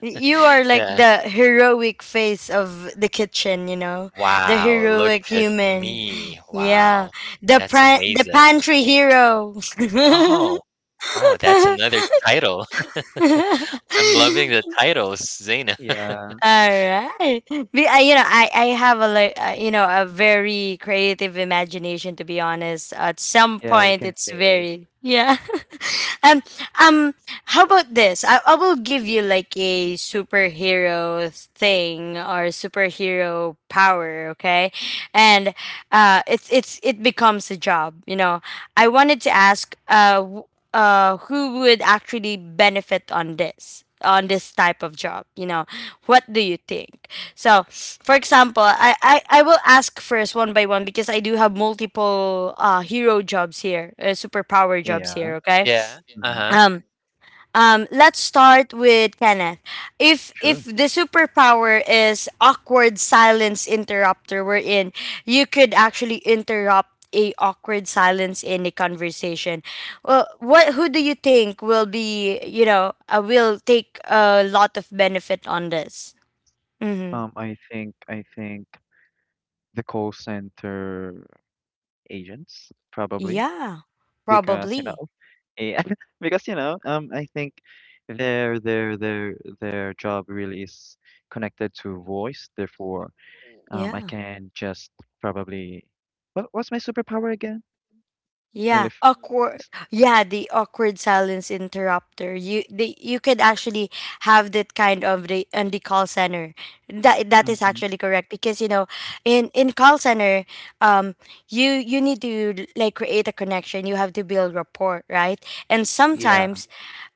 Speaker 1: y- you are like
Speaker 2: yeah.
Speaker 1: the heroic face of the kitchen, you know? The
Speaker 2: Wow, look
Speaker 1: heroic
Speaker 2: at
Speaker 1: human.
Speaker 2: me.
Speaker 1: Yeah.
Speaker 2: Wow,
Speaker 1: The
Speaker 2: that's
Speaker 1: pra- the
Speaker 2: amazing.
Speaker 1: pantry hero.
Speaker 2: Oh, oh, that's another title.
Speaker 1: All
Speaker 2: I'm loving the titles, Zaina.
Speaker 3: Yeah.
Speaker 1: right. You know, I have a like, you know, a very creative imagination. To be honest, at some
Speaker 3: Yeah, we
Speaker 1: point,
Speaker 3: can
Speaker 1: it's
Speaker 3: say.
Speaker 1: very yeah um, um, how about this? I will give you like a superhero thing or superhero power, okay? And it's it becomes a job. You know, I wanted to ask, who would actually benefit on this? On this type of job, you know, what do you think? So for example, I will ask first one by one, because I do have multiple hero jobs here, superpower jobs
Speaker 3: Yeah.
Speaker 1: here, okay?
Speaker 2: Yeah,
Speaker 3: Mm-hmm.
Speaker 2: uh-huh,
Speaker 1: um, let's start with Kenneth. If
Speaker 3: Sure.
Speaker 1: the superpower is awkward silence interrupter, wherein you could actually interrupt a awkward silence in a conversation. Well, what who do you think will be, you know, will take a lot of benefit on this? Mm-hmm.
Speaker 3: I think the call center agents, probably,
Speaker 1: Yeah,
Speaker 3: because
Speaker 1: probably.
Speaker 3: yeah, because I think their their their their job really is connected to voice, therefore. I
Speaker 1: Yeah.
Speaker 3: can just probably What what's my superpower again?
Speaker 1: Yeah,
Speaker 3: Nilif.
Speaker 1: awkward. Yeah, the awkward silence interrupter. You could actually have that kind of the on the call center. That that is
Speaker 3: Hmm.
Speaker 1: actually correct because you know, in call center, um, you you need to like create a connection. You have to build rapport, right? And
Speaker 3: Yeah.
Speaker 1: sometimes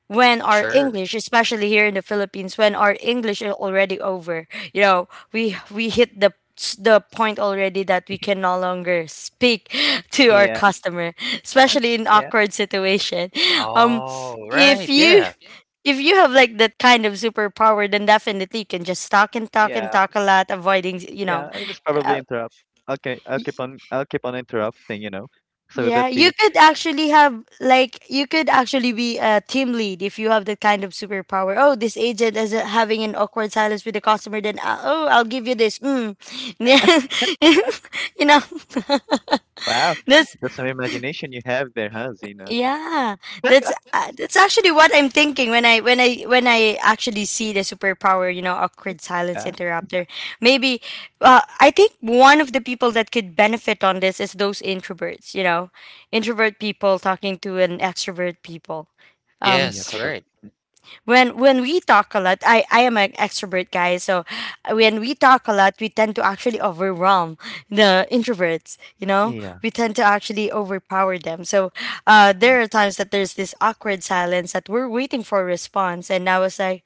Speaker 1: when our
Speaker 2: sure.
Speaker 1: English, especially here in the Philippines, when our English is already over, you know, we hit the point already that we can no longer speak to our
Speaker 3: Yeah,
Speaker 1: customer, especially in
Speaker 3: yeah,
Speaker 1: awkward situation. Um,
Speaker 2: Oh,
Speaker 1: if
Speaker 2: right,
Speaker 1: you
Speaker 2: yeah.
Speaker 1: if you have like that kind of superpower, then definitely you can just talk and talk and
Speaker 3: yeah,
Speaker 1: talk a lot, avoiding, you know,
Speaker 3: yeah. I'll just probably
Speaker 1: uh,
Speaker 3: interrupt. Okay, I'll keep on interrupting, so that
Speaker 1: Yeah, you
Speaker 3: the.
Speaker 1: could actually have like you could actually be a team lead if you have that kind of superpower. Oh, this agent is having an awkward silence with the customer. Then oh, I'll give you this. Mm. Yeah, you know,
Speaker 3: Wow,
Speaker 1: that's
Speaker 3: that's some imagination you have there, huh, Zena?
Speaker 1: yeah, that's actually what I'm thinking when I actually see the superpower, you know, awkward silence
Speaker 3: Yeah.
Speaker 1: interrupter. Maybe, I think one of the people that could benefit on this is those introverts. You know, introvert people talking to an extrovert people. Um,
Speaker 3: Yeah,
Speaker 2: Yes, right.
Speaker 3: probably.
Speaker 1: when we talk a lot, I am an extrovert guy, so when we talk a lot, we tend to actually overwhelm the introverts. You know,
Speaker 3: Yeah.
Speaker 1: we tend to actually overpower them. So
Speaker 3: Mm-hmm.
Speaker 1: there are times that there's this awkward silence that we're waiting for a response, and I was like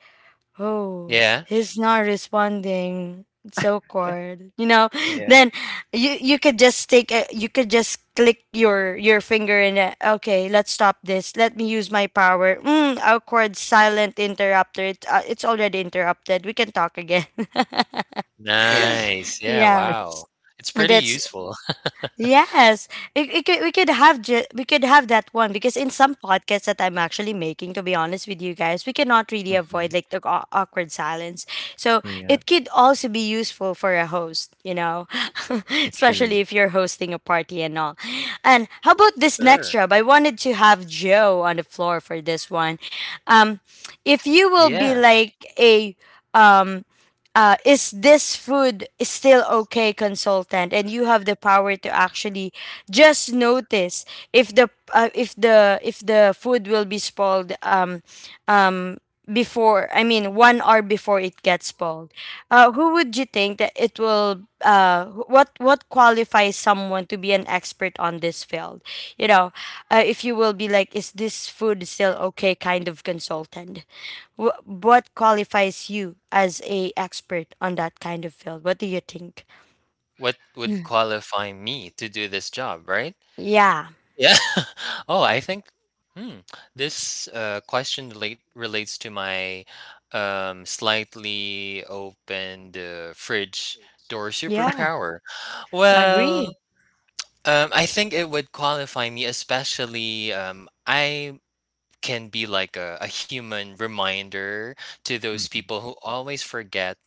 Speaker 1: oh,
Speaker 2: Yeah,
Speaker 1: he's not responding. It's so awkward. You know,
Speaker 3: Yeah,
Speaker 1: then you could just take a, you could just click your finger and okay, let's stop this. Let me use my power. Awkward silent interrupter. It's already interrupted. We can talk again.
Speaker 3: yeah.
Speaker 2: nice. Yeah,
Speaker 1: Yeah.
Speaker 2: wow. It's pretty
Speaker 1: That's
Speaker 2: useful.
Speaker 1: Yes, we could have ju- we could have that one because in some podcasts that I'm actually making, to be honest with you guys, we cannot really
Speaker 3: Mm-hmm.
Speaker 1: avoid like the awkward silence. So
Speaker 3: Yeah.
Speaker 1: it could also be useful for a host, you know,
Speaker 3: Yeah, true.
Speaker 1: especially if you're hosting a party and all. And how about this next
Speaker 2: Sure.
Speaker 1: job? I wanted to have Joe on the floor for this one. Um, if you will be
Speaker 2: Yeah.
Speaker 1: like a um is this food still okay consultant and you have the power to actually just notice if the food will be spoiled um before one hour before it gets spoiled. Who would you think that it will what qualifies someone to be an expert on this field, you know? If you will be like is this food still okay kind of consultant. What qualifies you as a expert on that kind of field? What do you think?
Speaker 2: What would
Speaker 1: Mm.
Speaker 2: qualify me to do this job, right?
Speaker 1: Yeah,
Speaker 2: Yeah. Oh, I think, hmm, this question relates to my slightly opened fridge door
Speaker 1: yeah,
Speaker 2: superpower.
Speaker 1: agree.
Speaker 2: Well, I think it would qualify me, especially I can be like a human reminder to those
Speaker 3: Mm-hmm.
Speaker 2: people who always forget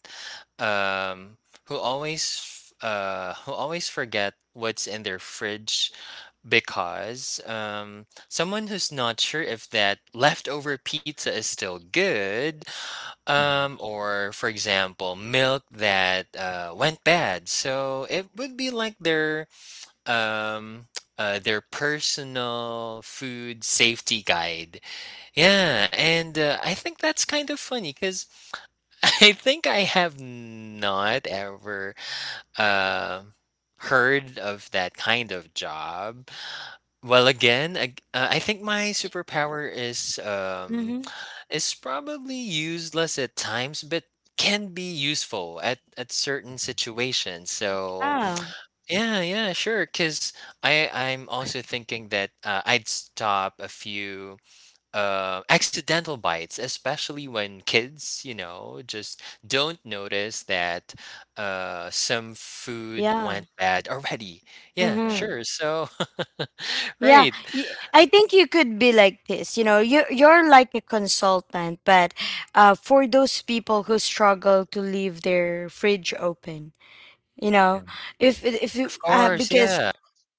Speaker 2: um, who always forget what's in their fridge because someone who's not sure if that leftover pizza is still good,
Speaker 3: Mm-hmm.
Speaker 2: or for example, milk that went bad. So it would be like their um, their personal food safety guide. Yeah, and I think that's kind of funny because I think I have not ever uh, heard of that kind of job. Well, I think my superpower
Speaker 1: Mm-hmm.
Speaker 2: is probably useless at times, but can be useful at certain situations. So
Speaker 3: True.
Speaker 1: Yeah,
Speaker 2: yeah, yeah, sure. Because I'm also thinking that I'd stop a few accidental bites, especially when kids, you know, just don't notice that some food
Speaker 1: yeah.
Speaker 2: went bad already. Yeah,
Speaker 3: Yeah.
Speaker 1: Mm-hmm.
Speaker 2: sure. So
Speaker 1: Yeah,
Speaker 2: right.
Speaker 1: I think you could be like this. You know, you you're like a consultant, but for those people who struggle to leave their fridge open, you
Speaker 3: Yeah.
Speaker 1: know, if you
Speaker 2: Of course,
Speaker 1: because
Speaker 2: yeah.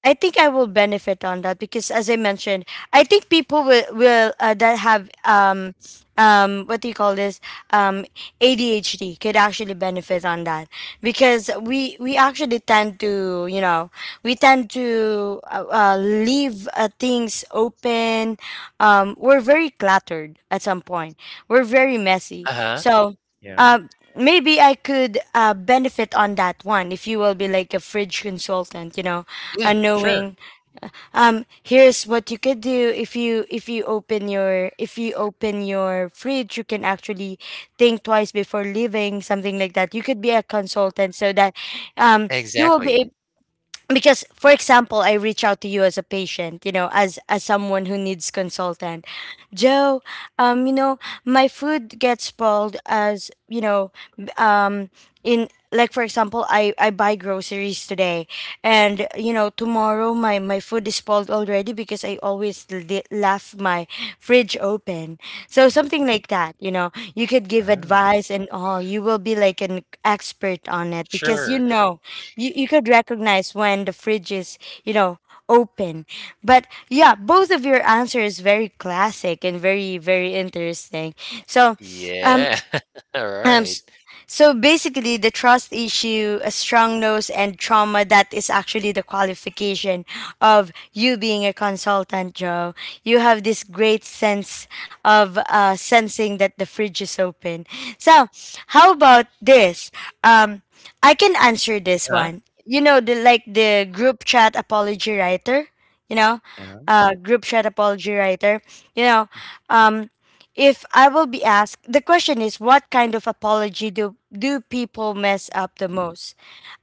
Speaker 1: I think I will benefit on that because, as I mentioned, I think people will that have what do you call this, um, ADHD could actually benefit on that, because we
Speaker 3: Mm-hmm.
Speaker 1: we actually tend to, you know, we tend to leave things open. We're very cluttered at some point. We're very messy.
Speaker 2: Uh-huh.
Speaker 1: So.
Speaker 3: Yeah.
Speaker 1: Um, maybe I could benefit on that one if you will be like a fridge consultant, you know,
Speaker 2: Yeah, sure.
Speaker 1: unknowing here's what you could do. If you if you open your if you open your fridge, you can actually think twice before leaving something like that. You could be a consultant, so that um you will
Speaker 2: Exactly.
Speaker 1: be because, for example, I reach out to you as a patient, you know, as someone who needs consultant, Joe. um you know my food gets spoiled, as you know. b- um in, like, for example, I buy groceries today, and, you know, tomorrow my my food is spoiled already because I always left my fridge open. So
Speaker 3: Mm-hmm.
Speaker 1: something like that, you know. You could give
Speaker 3: Wow.
Speaker 1: advice and all. You will be like an expert on it because, you
Speaker 2: Sure.
Speaker 1: know, you could recognize when the fridge is, you know, open. But yeah, both of your answers very classic and very, very interesting. so um
Speaker 2: Yeah. All
Speaker 1: um,
Speaker 2: right.
Speaker 1: s- so basically, the trust issue, a strong nose, and trauma, that is actually the qualification of you being a consultant, Joe. You have this great sense of sensing that the fridge is open. So, how about this? Um, I can answer this
Speaker 2: Uh-huh.
Speaker 1: one. You know, the like the group chat apology writer. You know,
Speaker 3: Yeah.
Speaker 1: group chat apology writer. You know, um, if I will be asked, the question is what kind of apology do people mess up the most?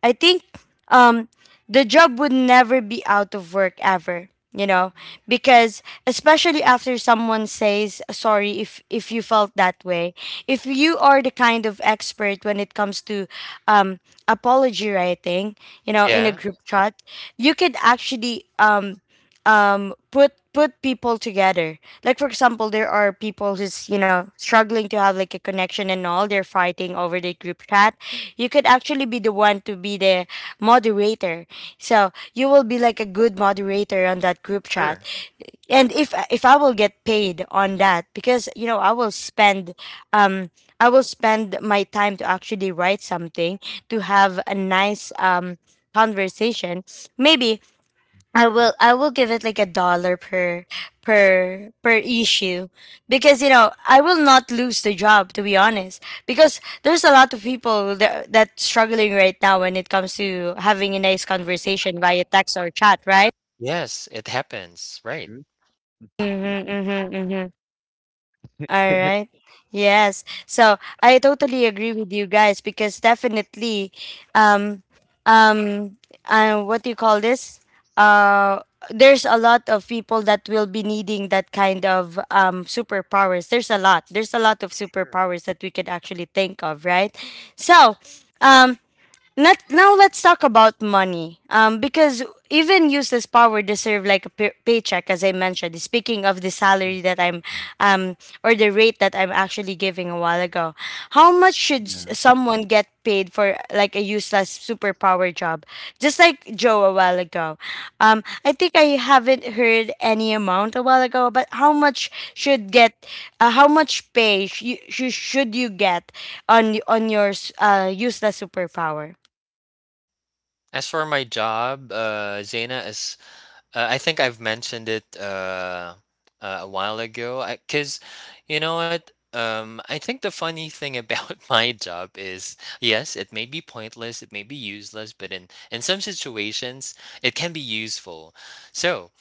Speaker 1: I think, um, the job would never be out of work ever, you know, because, especially after someone says sorry if you felt that way. If you are the kind of expert when it comes to, um, apology writing, you know, in a
Speaker 2: Yeah,
Speaker 1: group chat, you could actually put people together. Like, for example, there are people who's, you know, struggling to have like a connection and all, they're fighting over the group chat. You could actually be the one to be the moderator. So you will be like a good moderator on that group chat.
Speaker 2: sure.
Speaker 1: And if I will get paid on that, because, you know, I will spend, um, I will spend my time to actually write something, to have a nice, um, conversation. Maybe I will give it like a dollar per per issue. Because, you know, I will not lose the job, to be honest, because there's a lot of people that that's struggling right now when it comes to having a nice conversation via text or chat, right?
Speaker 2: Yes, it happens, right.
Speaker 3: True. Mm-hmm.
Speaker 1: Mm-hmm, mm-hmm. All right. Yes. So I totally agree with you guys because definitely, um, um, what do you call this? Uh, there's a lot of people that will be needing that kind of superpowers. There's a lot. There's a lot of superpowers that we could actually think of, right? So, um, let now let's talk about money, um, because even useless power deserve like a paycheck. As I mentioned, speaking of the salary that I'm, um, or the rate that I'm actually giving a while ago, how much should
Speaker 3: mm
Speaker 1: someone get paid for like a useless superpower job, just like Joe a while ago? Um, I think I haven't heard any amount a while ago, but how much should get, how much pay should you get on your useless superpower?
Speaker 2: As for my job, Zena is I think I've mentioned it a while ago. Cause, you know what? I think the funny thing about my job is, yes, it may be pointless, it may be useless, but in some situations, it can be useful. So,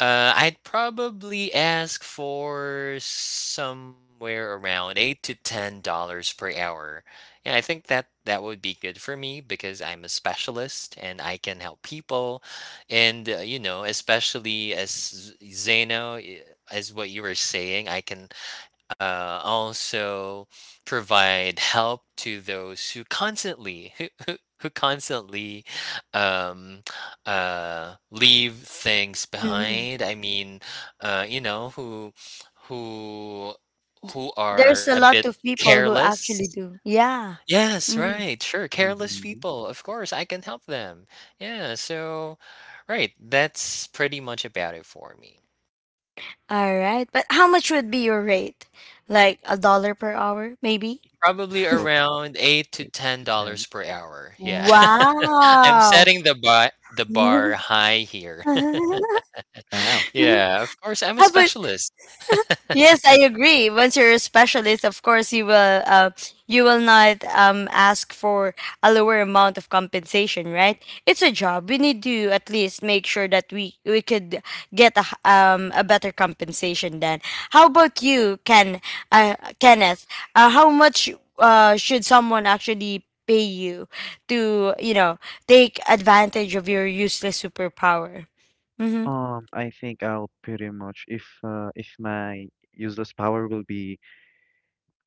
Speaker 2: I'd probably ask for somewhere around $8 to $10 per hour. And I think that would be good for me because I'm a specialist and I can help people. And, you know, especially as Zeno, as what you were saying, I can also provide help to those who constantly who constantly um, leave things
Speaker 1: Mhm.
Speaker 2: behind. I mean, you know, who
Speaker 1: D.
Speaker 2: who are
Speaker 1: There's
Speaker 2: a
Speaker 1: a
Speaker 2: bit
Speaker 1: lot of people who
Speaker 2: careless.
Speaker 1: actually do. Yeah.
Speaker 2: Yes,
Speaker 1: Mhm.
Speaker 2: right, sure. Careless
Speaker 3: Mm-hmm.
Speaker 2: people, of course, I can help them. Yeah, so right, that's pretty much about it for me.
Speaker 1: All right. But how much would be your rate? Like a dollar per hour, maybe?
Speaker 2: Probably
Speaker 3: Probably
Speaker 2: around 8 to
Speaker 3: 8 to 10.
Speaker 2: $10 per hour, yeah. I'm
Speaker 1: Wow.
Speaker 2: setting the bar high here.
Speaker 3: Wow.
Speaker 2: Yeah, of course, I'm a
Speaker 1: How about?
Speaker 2: specialist.
Speaker 1: Yes, I agree. Once you're a specialist, of course you will not, ask for a lower amount of compensation, right? It's a job. We need to at least make sure that we could get a, a better compensation then. How about you, Ken, Kenneth? How much should someone actually pay you to, you know, take advantage of your useless superpower? Mhm.
Speaker 3: I think I'll pretty much, if my useless power will be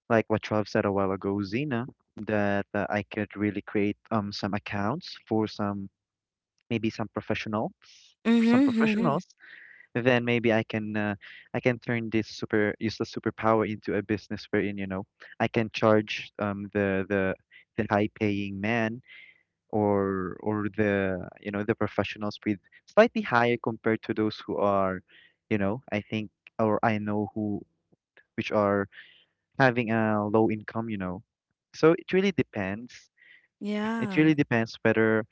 Speaker 3: like what Trav said a while ago, Xena, that I could really create some accounts for some maybe some professionals, for
Speaker 1: Mhm,
Speaker 3: some
Speaker 1: mhm.
Speaker 3: professionals. Then maybe I can turn this super useless superpower into a business wherein I can charge the high paying man or the you know the professionals with slightly higher compared to those who are I think or I know who which are having a low income. So it really depends, it
Speaker 1: Yeah.
Speaker 3: really depends whether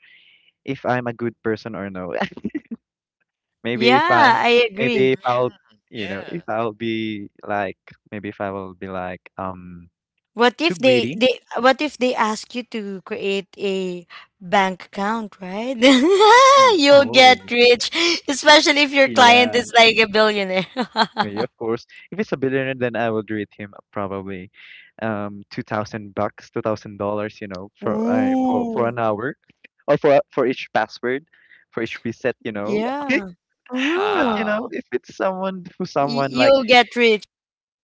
Speaker 3: if I'm a good person or no. maybe if I'm
Speaker 1: Yeah, I
Speaker 3: maybe
Speaker 1: agree.
Speaker 3: if I'll
Speaker 2: Mm,
Speaker 3: you know if
Speaker 2: yeah.
Speaker 3: I'll be like Maybe if I will be like
Speaker 1: What
Speaker 3: too
Speaker 1: if they
Speaker 3: greedy.
Speaker 1: they what if they ask you to create a bank account, right?
Speaker 3: Mm.
Speaker 1: You'll get
Speaker 3: Oh,
Speaker 1: rich, especially if your client
Speaker 3: yeah.
Speaker 1: is like a billionaire.
Speaker 3: Yeah, of course. If it's a billionaire, then I will rate him probably 2,000 bucks, $2,000, you know, for
Speaker 1: Ooh,
Speaker 3: an hour, or for each password, for each reset, you know.
Speaker 1: yeah.
Speaker 3: But
Speaker 1: Uh-huh.
Speaker 3: you know,
Speaker 2: Wow,
Speaker 3: if it's someone who someone like,
Speaker 1: You'll get rich.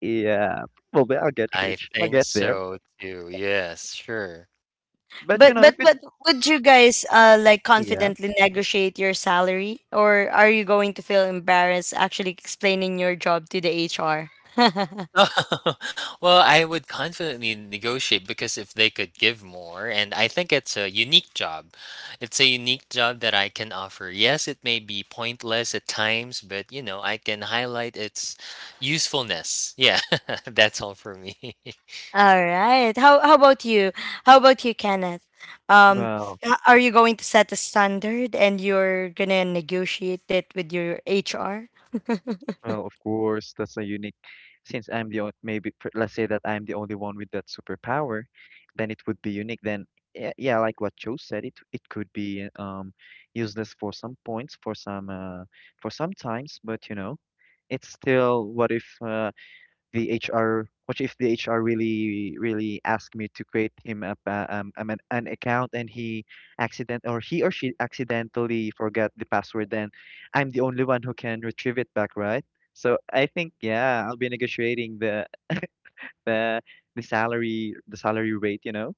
Speaker 3: yeah, probably I'll get
Speaker 2: I
Speaker 3: rich, I'll
Speaker 2: think
Speaker 3: get there.
Speaker 2: so too, yes, sure.
Speaker 3: But
Speaker 1: But
Speaker 3: you know, if
Speaker 1: but
Speaker 3: it's
Speaker 1: but would you guys like
Speaker 3: yeah,
Speaker 1: confidently negotiate your salary, or are you going to feel embarrassed actually explaining your job to the HR?
Speaker 2: Well, I would confidently negotiate because if they could give more, and I think it's a unique job. It's a unique job that I can offer. Yes, it may be pointless at times, but you know, I can highlight its usefulness. Yeah, that's all for me.
Speaker 1: All right. How about you? How about you, Kenneth? Um,
Speaker 3: well.
Speaker 1: are you going to set a standard and you're gonna negotiate it with your HR?
Speaker 3: Well, of course, that's a unique. Since I'm the only, maybe let's say that I'm the only one with that superpower, then it would be unique. Then yeah, yeah, like what Joe said, it it could be useless for some points, for some times, but you know, it's still what if the HR, what if the HR really, really asked me to create him up an account, and he accident or he or she accidentally forgot the password, then I'm the only one who can retrieve it back, right? So I think, yeah, I'll be negotiating the the the salary rate, you know,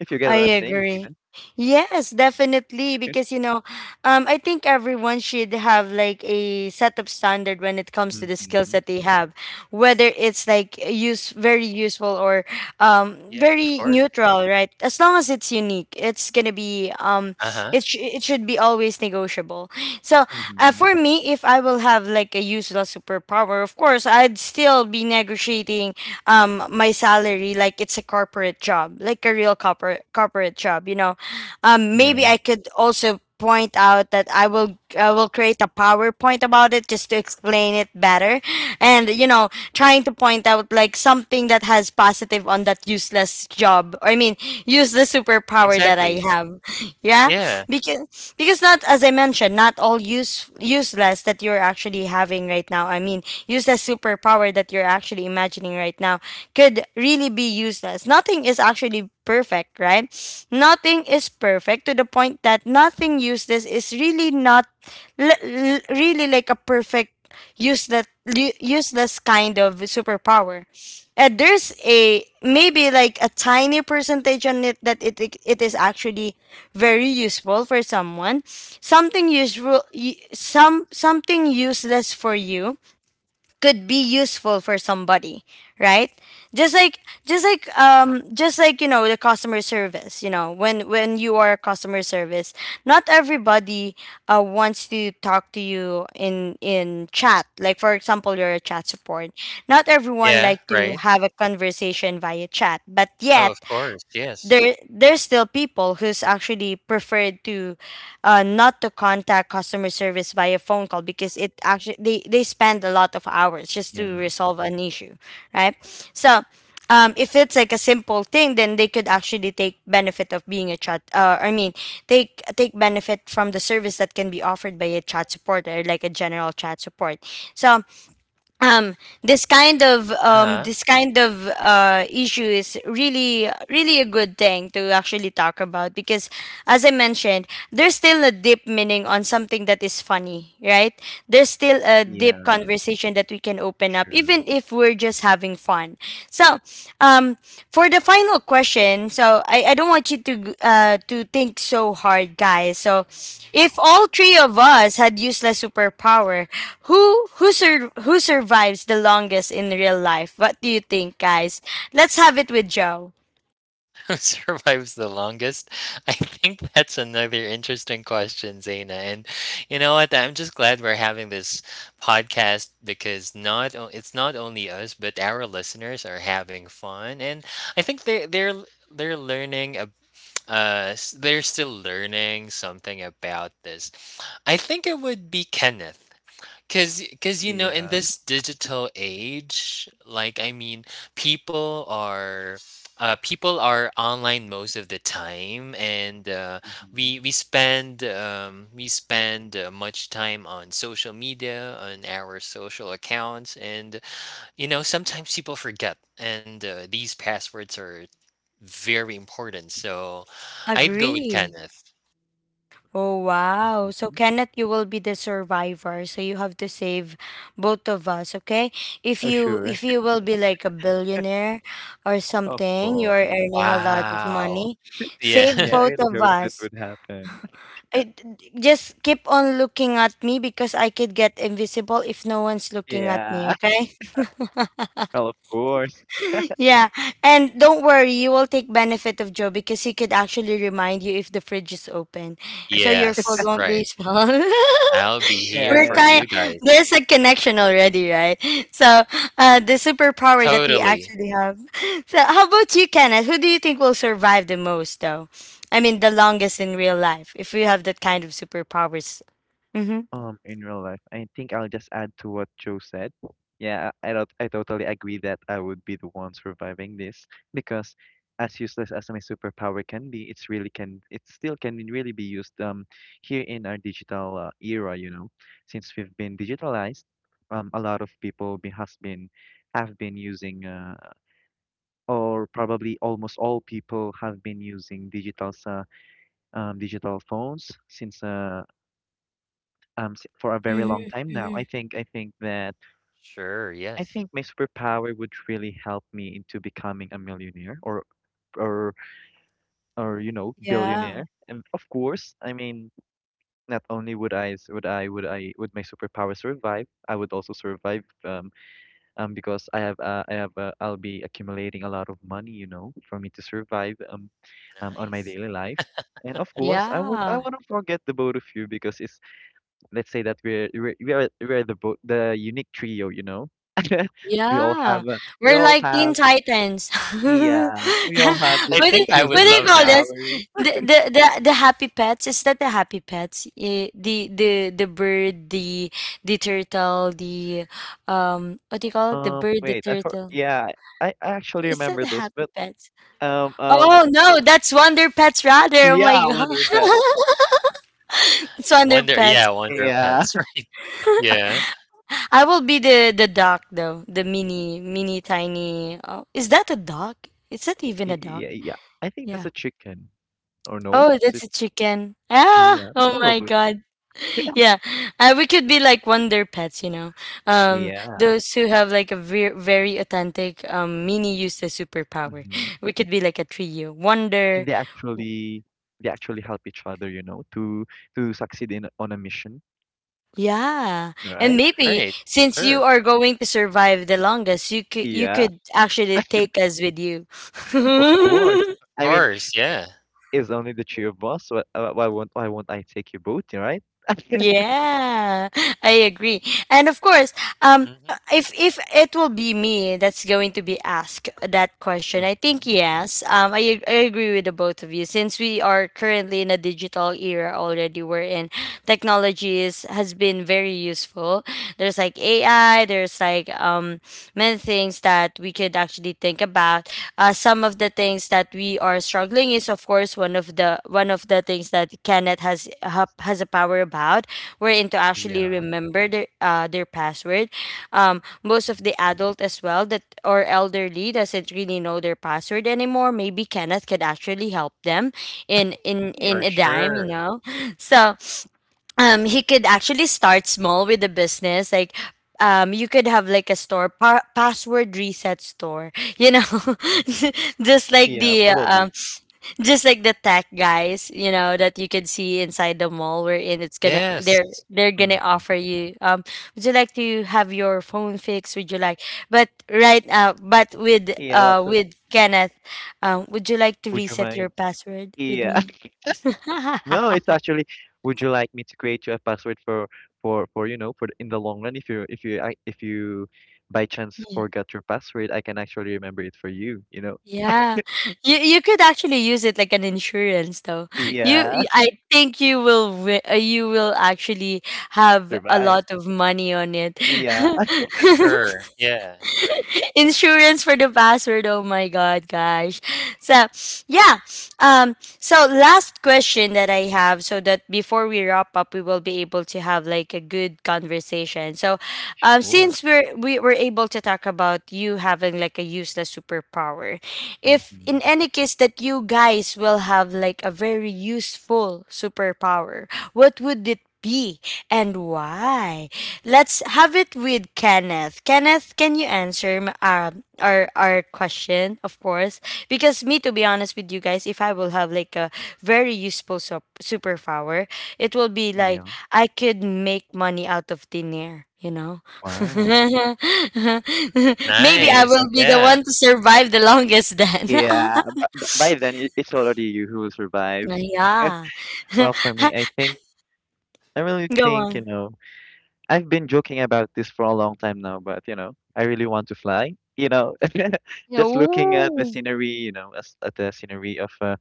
Speaker 3: if you get
Speaker 1: I
Speaker 3: what I'm saying, Zina.
Speaker 1: agree. Yes, definitely. Because, you know, I think everyone should have like a set of standard when it comes to the skills
Speaker 3: Mm-hmm.
Speaker 1: that they have, whether it's like use very useful or, um,
Speaker 2: Yes, of
Speaker 1: very
Speaker 2: course.
Speaker 1: neutral, right? As long as it's unique, it's gonna be, um,
Speaker 2: Uh-huh.
Speaker 1: it should be always negotiable. So
Speaker 3: Mm-hmm.
Speaker 1: for me, if I will have like a useless superpower, of course I'd still be negotiating, um, my salary, like it's a corporate job, like a real corporate job, you know. Um,
Speaker 3: Yeah,
Speaker 1: maybe I could also point out that I will create a PowerPoint about it, just to explain it better, and, you know, trying to point out like something that has positive on that useless job, or I mean useless superpower that I
Speaker 2: Exactly.
Speaker 1: have. Yeah.
Speaker 2: Yeah.
Speaker 1: because because not, as I mentioned, not all useless that you're actually having right now, I mean useless superpower that you're actually imagining right now, could really be useless. Nothing is actually perfect, right? Nothing is perfect to the point that nothing useless is really not really like a perfect useless useless kind of superpower. And there's a maybe like a tiny percentage on it that it is actually very useful for someone. Something useful some something useless for you could be useful for somebody, right? Just like just like um just like you know the customer service, you know, when you are a customer service, not everybody wants to talk to you in chat. Like for example, you're a chat support, not everyone
Speaker 2: Yeah,
Speaker 1: like to
Speaker 2: right.
Speaker 1: have a conversation via chat, but
Speaker 2: Oh,
Speaker 1: yet
Speaker 2: of course. Yes.
Speaker 1: there's still people who's actually preferred to not to contact customer service via phone call because it actually they spend a lot of hours just to
Speaker 3: yeah,
Speaker 1: resolve an issue, right? So if it's like a simple thing, then they could actually take benefit of being a chat, I mean take benefit from the service that can be offered by a chat support or like a general chat support. So um
Speaker 2: Uh-huh.
Speaker 1: this kind of issue is really really a good thing to actually talk about because, as I mentioned, there's still a deep meaning on something that is funny, right? There's still a deep
Speaker 3: yeah,
Speaker 1: conversation that we can open up
Speaker 3: true.
Speaker 1: even if we're just having fun. So um for the final question, so I don't want you to think so hard, guys. So if all three of us had useless superpower, who survives the longest in real life? What do you think, guys? Let's have it with Joe.
Speaker 2: Who survives the longest? I think that's another interesting question, Zaina. And you know what? I'm just glad we're having this podcast because not o- it's not only us, but our listeners are having fun, and I think they're learning. ab- they're still learning something about this. I think it would be Kenneth. Cause you know, in
Speaker 3: Yeah.
Speaker 2: this digital age, like I mean, people are, people are online most of the time, and
Speaker 3: Mm-hmm.
Speaker 2: we spend much time on social media, on our social accounts, and you know sometimes people forget, and these passwords are very important. So, I'd go with
Speaker 1: Agree.
Speaker 2: Kenneth.
Speaker 1: Oh wow. So
Speaker 3: Mm-hmm.
Speaker 1: Kenneth, you will be the survivor. So you have to save both of us, okay? If
Speaker 3: Oh,
Speaker 1: you
Speaker 3: sure.
Speaker 1: if you will be like a billionaire or
Speaker 3: Of
Speaker 1: something, you are
Speaker 3: course.
Speaker 1: earning a lot of
Speaker 2: Wow.
Speaker 1: money, save
Speaker 3: Yeah, I
Speaker 2: Yeah.
Speaker 1: both
Speaker 3: really
Speaker 1: of
Speaker 3: hope that
Speaker 1: us.
Speaker 3: would happen.
Speaker 1: I, just keep on looking at me because I could get invisible if no one's looking at me,
Speaker 3: Yeah.
Speaker 1: okay?
Speaker 3: Well, of course.
Speaker 1: Yeah, and don't worry, you will take benefit of Joe because he could actually remind you if the fridge is open, so your food
Speaker 2: yes.
Speaker 1: won't be
Speaker 2: Right.
Speaker 1: small.
Speaker 2: I'll be
Speaker 3: Yeah,
Speaker 2: here
Speaker 1: We're
Speaker 3: yeah,
Speaker 2: for
Speaker 1: kind.
Speaker 3: yeah.
Speaker 2: you guys.
Speaker 1: There's a connection already, right? So, the superpower that we
Speaker 2: Totally.
Speaker 1: actually have. So, how about you, Kenneth? Who do you think will survive the most, though? I mean, the longest in real life, if we have that kind of superpowers. Mm-hmm.
Speaker 3: In real life, I think I'll just add to what Joe said. Yeah, I don't, I totally agree that I would be the one surviving this because, as useless as my superpower can be, it's it still can really be used here in our digital era. You know, since we've been digitalized, a lot of people be, has been have been using or probably almost all people have been using digital digital phones since for a very long
Speaker 1: Mm-hmm.
Speaker 3: time now.
Speaker 1: Hmm.
Speaker 3: I think that
Speaker 2: Sure,
Speaker 3: I
Speaker 2: yes.
Speaker 3: think my superpower would really help me into becoming a millionaire or or you know
Speaker 1: Yeah.
Speaker 3: billionaire. And of course, I mean, not only would I s- would I would I would my superpower survive, I would also survive. Because I have I'll be accumulating a lot of money, you know, for me to survive on my
Speaker 2: Nice.
Speaker 3: daily life. And of course, I
Speaker 1: Yeah.
Speaker 3: wouldn't forget the both of you because it's let's say that we're we are we're the the unique trio, you know. We all
Speaker 1: Yeah,
Speaker 3: have we
Speaker 1: we're
Speaker 3: all
Speaker 1: like Teen
Speaker 3: have
Speaker 1: Titans. what
Speaker 3: yeah we all have this
Speaker 2: I
Speaker 1: do you,
Speaker 2: think I
Speaker 3: here's the
Speaker 1: what
Speaker 2: would
Speaker 1: do you
Speaker 2: love
Speaker 1: call
Speaker 2: that.
Speaker 1: this?
Speaker 3: superpowers.
Speaker 1: The happy pets? Is that the happy pets? Eh, the bird, the turtle, the what do you call it? The bird, the
Speaker 3: Wait, I for
Speaker 1: turtle.
Speaker 3: yeah I actually
Speaker 1: Is that
Speaker 3: remember
Speaker 1: the
Speaker 3: those,
Speaker 1: happy
Speaker 3: but
Speaker 1: pets?
Speaker 3: um um
Speaker 1: Oh no, that's Wonder Pets rather. Oh my
Speaker 3: yeah,
Speaker 1: god.
Speaker 3: Wonder Pets.
Speaker 1: It's Wonder Pets.
Speaker 2: Wonder
Speaker 3: Yeah.
Speaker 2: Pets, right. Yeah,
Speaker 1: I will be the duck though. The mini tiny. Oh, is that a duck? Is that even a
Speaker 3: Y
Speaker 1: duck?
Speaker 3: yeah, yeah. I think that's
Speaker 1: Yeah.
Speaker 3: a chicken, or no?
Speaker 1: Oh,
Speaker 3: Is
Speaker 1: that's
Speaker 3: it?
Speaker 1: a chicken. Ah,
Speaker 3: Yeah,
Speaker 1: oh my
Speaker 3: probably.
Speaker 1: god. Yeah, we could be like wonder pets, you know.
Speaker 3: Yeah.
Speaker 1: Those who have like a very authentic mini use the superpower.
Speaker 3: Hmm.
Speaker 1: We could be like a trio.
Speaker 3: And
Speaker 1: Wonder,
Speaker 3: they actually help each other, you know, to succeed in on a mission,
Speaker 1: yeah, and
Speaker 3: right?
Speaker 1: maybe
Speaker 2: right,
Speaker 1: since you
Speaker 2: sure.
Speaker 1: are going to survive the longest, you could you
Speaker 3: Yeah,
Speaker 1: could actually take us with you.
Speaker 3: of course.
Speaker 2: Of
Speaker 3: I mean,
Speaker 2: course, yeah.
Speaker 3: it's only the two of us. Why won't I take you both, right?
Speaker 1: Yeah, I agree. And of course,
Speaker 2: Mhm,
Speaker 1: if it will be me that's going to be asked that question, I think
Speaker 3: Hmm.
Speaker 1: yes. I I agree with the both of you since we are currently in a digital era already, wherein technology is has been very useful. There's like AI. There's like many things that we could actually think about. Some of the things that we are struggling is of course one of the things that Kenneth has a power about, wherein to actually
Speaker 3: Yeah.
Speaker 1: remember their password. Most of the adult as well that or elderly doesn't really know their password anymore. Maybe Kenneth could actually help them
Speaker 3: Yeah.
Speaker 1: in
Speaker 2: for
Speaker 1: a dime, you
Speaker 2: sure.
Speaker 1: know. So he could actually start small with the business like. You could have like a store password reset store, you know,
Speaker 3: Hmm.
Speaker 1: just like
Speaker 3: Yeah,
Speaker 1: the um,
Speaker 3: probably.
Speaker 1: just like the tech guys, you know, that you can see inside the mall we in. It's gonna
Speaker 2: Yes,
Speaker 1: they're gonna offer
Speaker 3: Hmm.
Speaker 1: you. Would you like to have your phone fixed? Would you like? But right now, but
Speaker 3: Yeah, but
Speaker 1: with Kenneth, would you like to
Speaker 3: would you
Speaker 1: reset your
Speaker 3: mind?
Speaker 1: password with
Speaker 3: Yeah.
Speaker 1: me?
Speaker 3: No, it's actually, would you like me to create you a password for you know for the- in the long run if you ac- if you by chance
Speaker 1: Yeah.
Speaker 3: forgot your password, I can actually remember it for you, you know?
Speaker 1: Yeah. You could actually use it like an insurance though.
Speaker 3: Yeah,
Speaker 1: I think you will you will actually have a
Speaker 3: survive.
Speaker 1: lot of money on it.
Speaker 3: Yeah,
Speaker 2: for sure. Yeah, right.
Speaker 1: Insurance for the password. Oh my god, gosh. So yeah. Um, so last question that I have, so that before we wrap up we will be able to have like a good conversation. So
Speaker 3: sure.
Speaker 1: since we were able to talk about you having like a useless superpower, if in
Speaker 3: Hmm.
Speaker 1: any case that you guys will have like a very useful superpower, what would it be and why? Let's have it with Kenneth. Kenneth, can you answer our question, of course? Because me, to be honest with you guys, if I will have like a very useful superpower, it will be like
Speaker 3: Yeah.
Speaker 1: I could make money out of thin air. You know,
Speaker 3: Wow.
Speaker 1: maybe
Speaker 3: Then
Speaker 1: I
Speaker 2: Nice,
Speaker 3: I
Speaker 1: will be the
Speaker 2: yeah.
Speaker 1: one to survive the longest then.
Speaker 3: yeah, but by then it- it's already you who will survive.
Speaker 1: Yeah,
Speaker 3: Well, for me, I think I really
Speaker 1: go
Speaker 3: think, you
Speaker 1: on.
Speaker 3: know. I've been joking about this for a long time now, but you know, I really want to fly. You know, just looking at the
Speaker 1: Ooh.
Speaker 3: scenery, you know, as, at the scenery of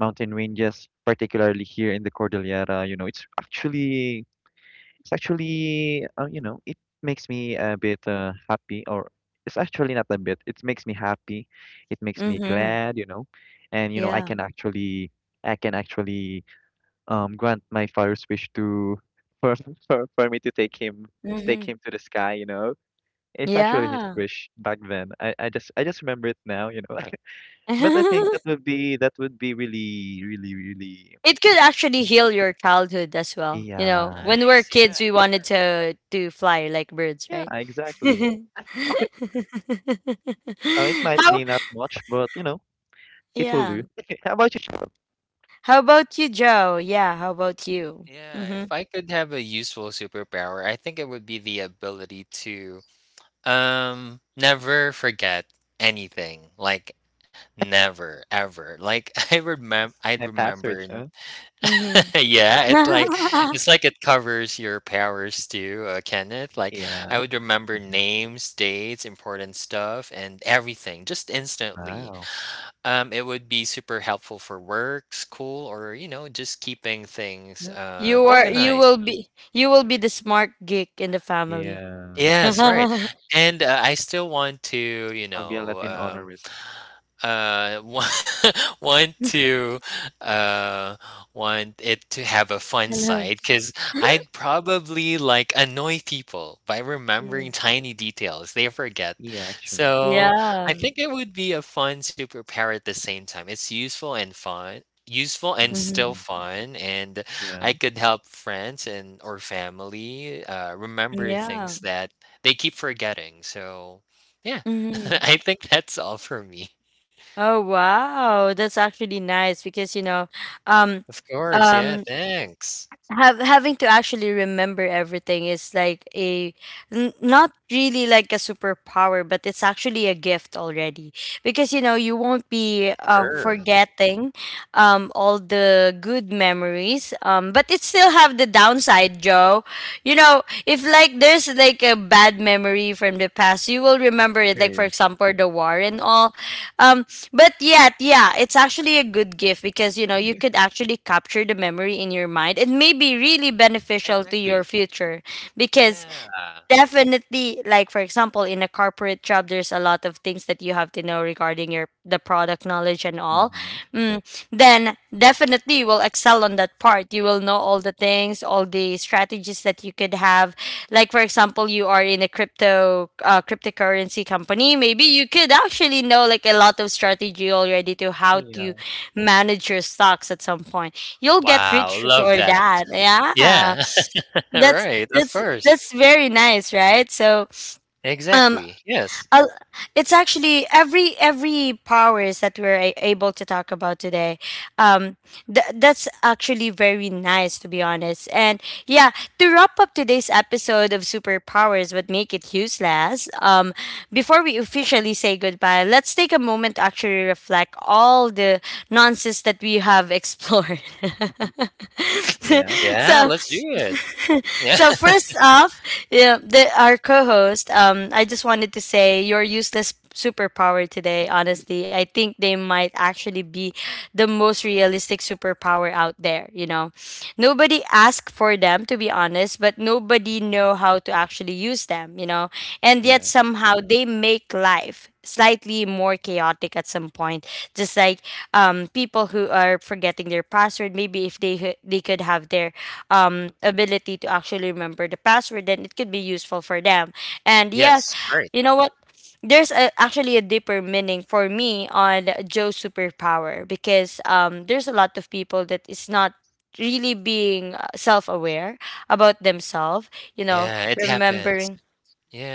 Speaker 3: mountain ranges, particularly here in the Cordillera, you know, it's actually, you know, it makes me a bit happy, or it's actually not a bit. It makes me happy. It makes me
Speaker 1: Mm-hmm.
Speaker 3: glad, you know, and you know,
Speaker 1: Yeah.
Speaker 3: I can actually grant my father's wish to for, for me to take him to take
Speaker 1: Mm-hmm.
Speaker 3: him to the sky. You know, it's actually his
Speaker 1: Yeah.
Speaker 3: wish back then. I just remember it now. You know, but I think that would be really really really
Speaker 1: It could actually heal your childhood as well. You know,
Speaker 3: yeah
Speaker 1: when we're
Speaker 2: Nice,
Speaker 1: kids,
Speaker 2: yeah.
Speaker 1: we wanted to fly like birds,
Speaker 3: yeah
Speaker 1: right?
Speaker 3: exactly. It might
Speaker 1: How?
Speaker 3: be not much, but you know it will do.
Speaker 1: Yeah.
Speaker 3: How about you? Share
Speaker 1: How about you, Joe? Yeah. How about you?
Speaker 2: Yeah, if
Speaker 1: Mhm.
Speaker 2: I could have a useful superpower, I think it would be the ability to never forget anything. Like never ever. Like
Speaker 3: My
Speaker 2: I'd
Speaker 3: passwords, huh?
Speaker 1: Mhm.
Speaker 2: yeah, it's like it's like it covers your powers too, Kenneth. Like
Speaker 3: Yeah.
Speaker 2: I would remember
Speaker 3: Hmm.
Speaker 2: names, dates, important stuff and everything just instantly.
Speaker 3: Wow.
Speaker 2: It would be super helpful for work, school or you know, just keeping things
Speaker 3: Yeah. Of
Speaker 1: You are.
Speaker 3: Wow.
Speaker 1: You
Speaker 2: organized.
Speaker 1: will be. You will be the smart geek in the family.
Speaker 3: Yeah.
Speaker 2: Yes, right. And, I still want to, you
Speaker 3: I'll be a
Speaker 2: know,
Speaker 3: Latin honorist.
Speaker 2: want want to, uh, want it to have a fun
Speaker 1: Hello.
Speaker 2: side because 'cause I'd probably, like, annoy people by
Speaker 1: Yeah.
Speaker 2: remembering tiny details they forget.
Speaker 3: Yeah, actually.
Speaker 2: So, I
Speaker 1: Yeah.
Speaker 2: think it would be a fun superpower at the same time. It's useful and fun useful and
Speaker 1: Hmm.
Speaker 2: still
Speaker 3: Hmm.
Speaker 2: fun, and
Speaker 3: Yeah.
Speaker 2: I could help friends and or family remember
Speaker 1: Yeah.
Speaker 2: things that they keep forgetting. So, yeah,
Speaker 1: Mhm.
Speaker 2: I think that's all for me.
Speaker 1: Oh wow, that's actually nice because you know, um,
Speaker 2: Of course, yeah.
Speaker 1: um,
Speaker 2: Thanks.
Speaker 1: have having to actually remember everything is like a not really like a superpower, but it's actually a gift already because you know you won't be
Speaker 2: Sure.
Speaker 3: Mhm.
Speaker 1: forgetting all the good memories, but it still have the downside, Joe. You know, if like there's like a bad memory from the past, you will remember it. Like for
Speaker 3: True.
Speaker 1: example, the war and all, um but yet, yeah, it's actually a good gift because you know you could actually capture the memory in your mind. It may be really beneficial to your
Speaker 2: Exactly.
Speaker 1: future because
Speaker 2: Yeah.
Speaker 1: definitely, like for example, in a corporate job there's a lot of things that you have to know regarding your the product knowledge and all.
Speaker 3: Mhm.
Speaker 1: mm, then definitely you will excel on that part, you will know all the things, all the strategies that you could have. Like for example, you are in a cryptocurrency company, maybe you could actually know like a lot of strategy already to how to
Speaker 3: Yeah.
Speaker 1: manage your stocks. At some point you'll get
Speaker 2: Wow.
Speaker 1: rich
Speaker 2: Love
Speaker 1: for
Speaker 2: that.
Speaker 1: that, yeah.
Speaker 2: Yeah.
Speaker 1: that's
Speaker 2: right. Of course.
Speaker 1: that's very nice, right? So um
Speaker 2: Exactly. Yes.
Speaker 1: I it's actually every powers that we're able to talk about today, um that's actually very nice to be honest, and yeah. To wrap up today's episode of superpowers but make it useless, before we officially say goodbye, let's take a moment to actually reflect all the nonsense that we have explored.
Speaker 3: Yeah.
Speaker 2: Yeah.
Speaker 1: so
Speaker 2: Let's do it. Yeah.
Speaker 1: so first off, yeah, our co-host, I just wanted to say your useless superpower today. Honestly, I think they might actually be the most realistic superpower out there. You know, nobody asked for them to be honest, but nobody
Speaker 3: Mhm.
Speaker 1: know how to actually use them. You know, and yet
Speaker 3: Yeah.
Speaker 1: somehow they make life slightly more chaotic at some point, just like people who are forgetting their password. Maybe if they could have their ability to actually remember the password, then it could be useful for them. And yes,
Speaker 2: yes. Right.
Speaker 1: you know what? There's a, actually a deeper meaning for me on Joe's superpower because there's a lot of people that is not really being self-aware about themselves, you know,
Speaker 2: Yeah. It happens.
Speaker 1: remembering.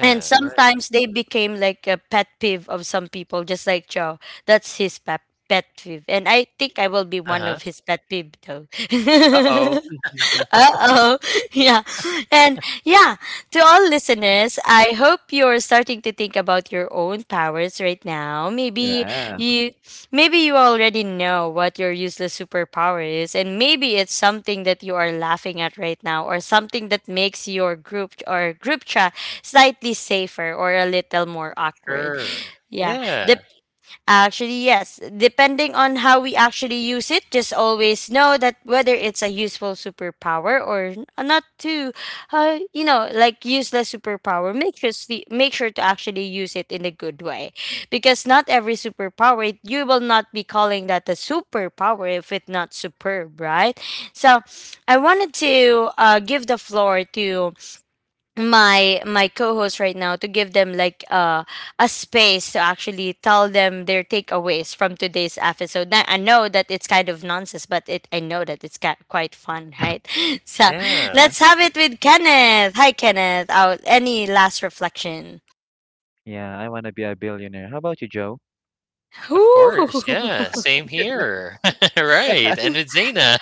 Speaker 1: And
Speaker 2: Right.
Speaker 1: sometimes they became like a pet peeve of some people, just like Joe. That's his pet peeve. And I think I will be
Speaker 2: Uh
Speaker 1: one
Speaker 2: huh.
Speaker 1: of his pet peeve though.
Speaker 2: Uh oh.
Speaker 1: Uh-oh. Yeah. And yeah, to all listeners, I hope you're starting to think about your own powers right now.
Speaker 3: Yeah.
Speaker 1: You maybe you already know what your useless superpower is, and maybe it's something that you are laughing at right now or something that makes your group or group chat slightly safer or a little more awkward.
Speaker 2: Sure.
Speaker 1: Yeah.
Speaker 2: Yeah.
Speaker 1: Actually, yes. Depending on how we actually use it, just always know that whether it's a useful superpower or not too, you know, like useless superpower, make sure, make sure to actually use it in a good way. Because not every superpower, you will not be calling that a superpower if it's not superb, right? So I wanted to give the floor to my co-host right now to give them like a space to actually tell them their takeaways from today's episode. Now, I know that it's kind of nonsense, but it I know that it's quite fun, right? So
Speaker 2: Yeah.
Speaker 3: Yeah.
Speaker 1: let's have it with Kenneth. Hi, Kenneth. Out any last reflection?
Speaker 3: Yeah, I want to be a billionaire. How about you, Joe?
Speaker 2: Of course,
Speaker 1: Ooh.
Speaker 2: yeah, same here. Right, and with Zena.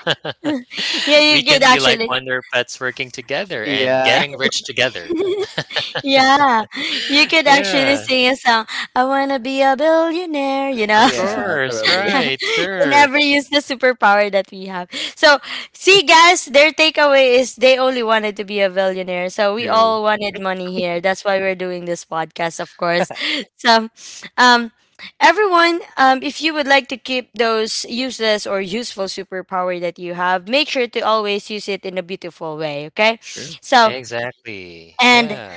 Speaker 1: Yeah, you
Speaker 2: We
Speaker 1: could
Speaker 2: can be like
Speaker 1: actually.
Speaker 2: Wonder Pets working together and
Speaker 3: Yeah.
Speaker 2: getting rich together.
Speaker 1: Yeah, you could actually
Speaker 2: Yeah,
Speaker 1: sing a song. I wanna be a billionaire, you know.
Speaker 2: of
Speaker 3: Yeah.
Speaker 2: course,
Speaker 3: Probably.
Speaker 2: right,
Speaker 1: And
Speaker 2: sure.
Speaker 1: ever use the superpower that we have. So, see, guys, their takeaway is they only wanted to be a billionaire. So we
Speaker 3: True.
Speaker 1: all wanted money here. That's why we're doing this podcast, of course. So, um, everyone, if you would like to keep those useless or useful superpower that you have, make sure to always use it in a beautiful way. Okay,
Speaker 3: True.
Speaker 1: so.
Speaker 2: Exactly.
Speaker 1: And
Speaker 2: Yeah,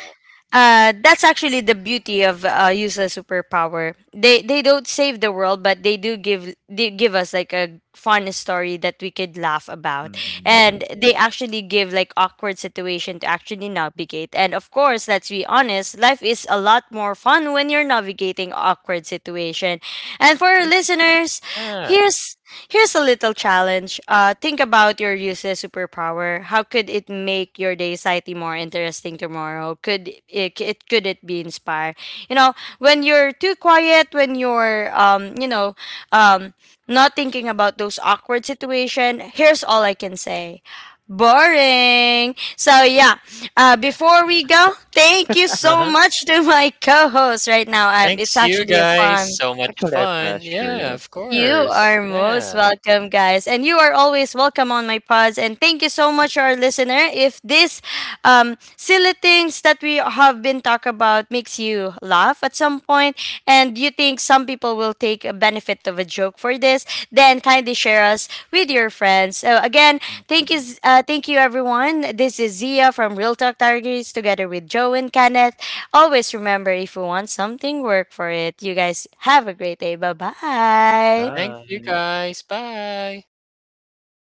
Speaker 1: that's actually the beauty of useless superpower. They don't save the world, but they give us like a fun story that we could laugh about,
Speaker 3: Mm-hmm.
Speaker 1: and they actually give like awkward situation to actually navigate. And of course, let's be honest, life is a lot more fun when you're navigating awkward situation. And for our
Speaker 3: Sure.
Speaker 1: listeners,
Speaker 2: yeah,
Speaker 1: here's here's a little challenge. Think about your useless superpower. How could it make your day slightly more interesting tomorrow? Could it be inspire? You know, when you're too quiet, when you're you know, um, not thinking about those awkward situation. Here's all I can say. Boring. So yeah.
Speaker 2: yeah.
Speaker 1: Before we go, thank you so
Speaker 2: Uh-huh.
Speaker 1: much to my co-host right now. It's
Speaker 2: Thanks you
Speaker 1: actually a
Speaker 2: guys.
Speaker 1: fun.
Speaker 2: So
Speaker 3: It's
Speaker 2: much
Speaker 3: actually our
Speaker 2: fun.
Speaker 3: pleasure, you
Speaker 2: Yeah,
Speaker 3: know.
Speaker 2: of
Speaker 1: You
Speaker 2: course.
Speaker 1: are most
Speaker 2: Yeah.
Speaker 1: welcome, guys. And you are always welcome on my pods. And thank you so much, our listener. If this silly things that we have been talk about makes you laugh at some point, and you think some people will take a benefit of a joke for this, then kindly share us with your friends. So again,
Speaker 3: Mm-hmm.
Speaker 1: thank you everyone. This is Zia from Real Talk Diaries, together with Joe and Kenneth. Always remember if you want something, work for it. You guys have a great day. Bye bye.
Speaker 2: Thanks you
Speaker 3: Bye.
Speaker 2: guys. Bye.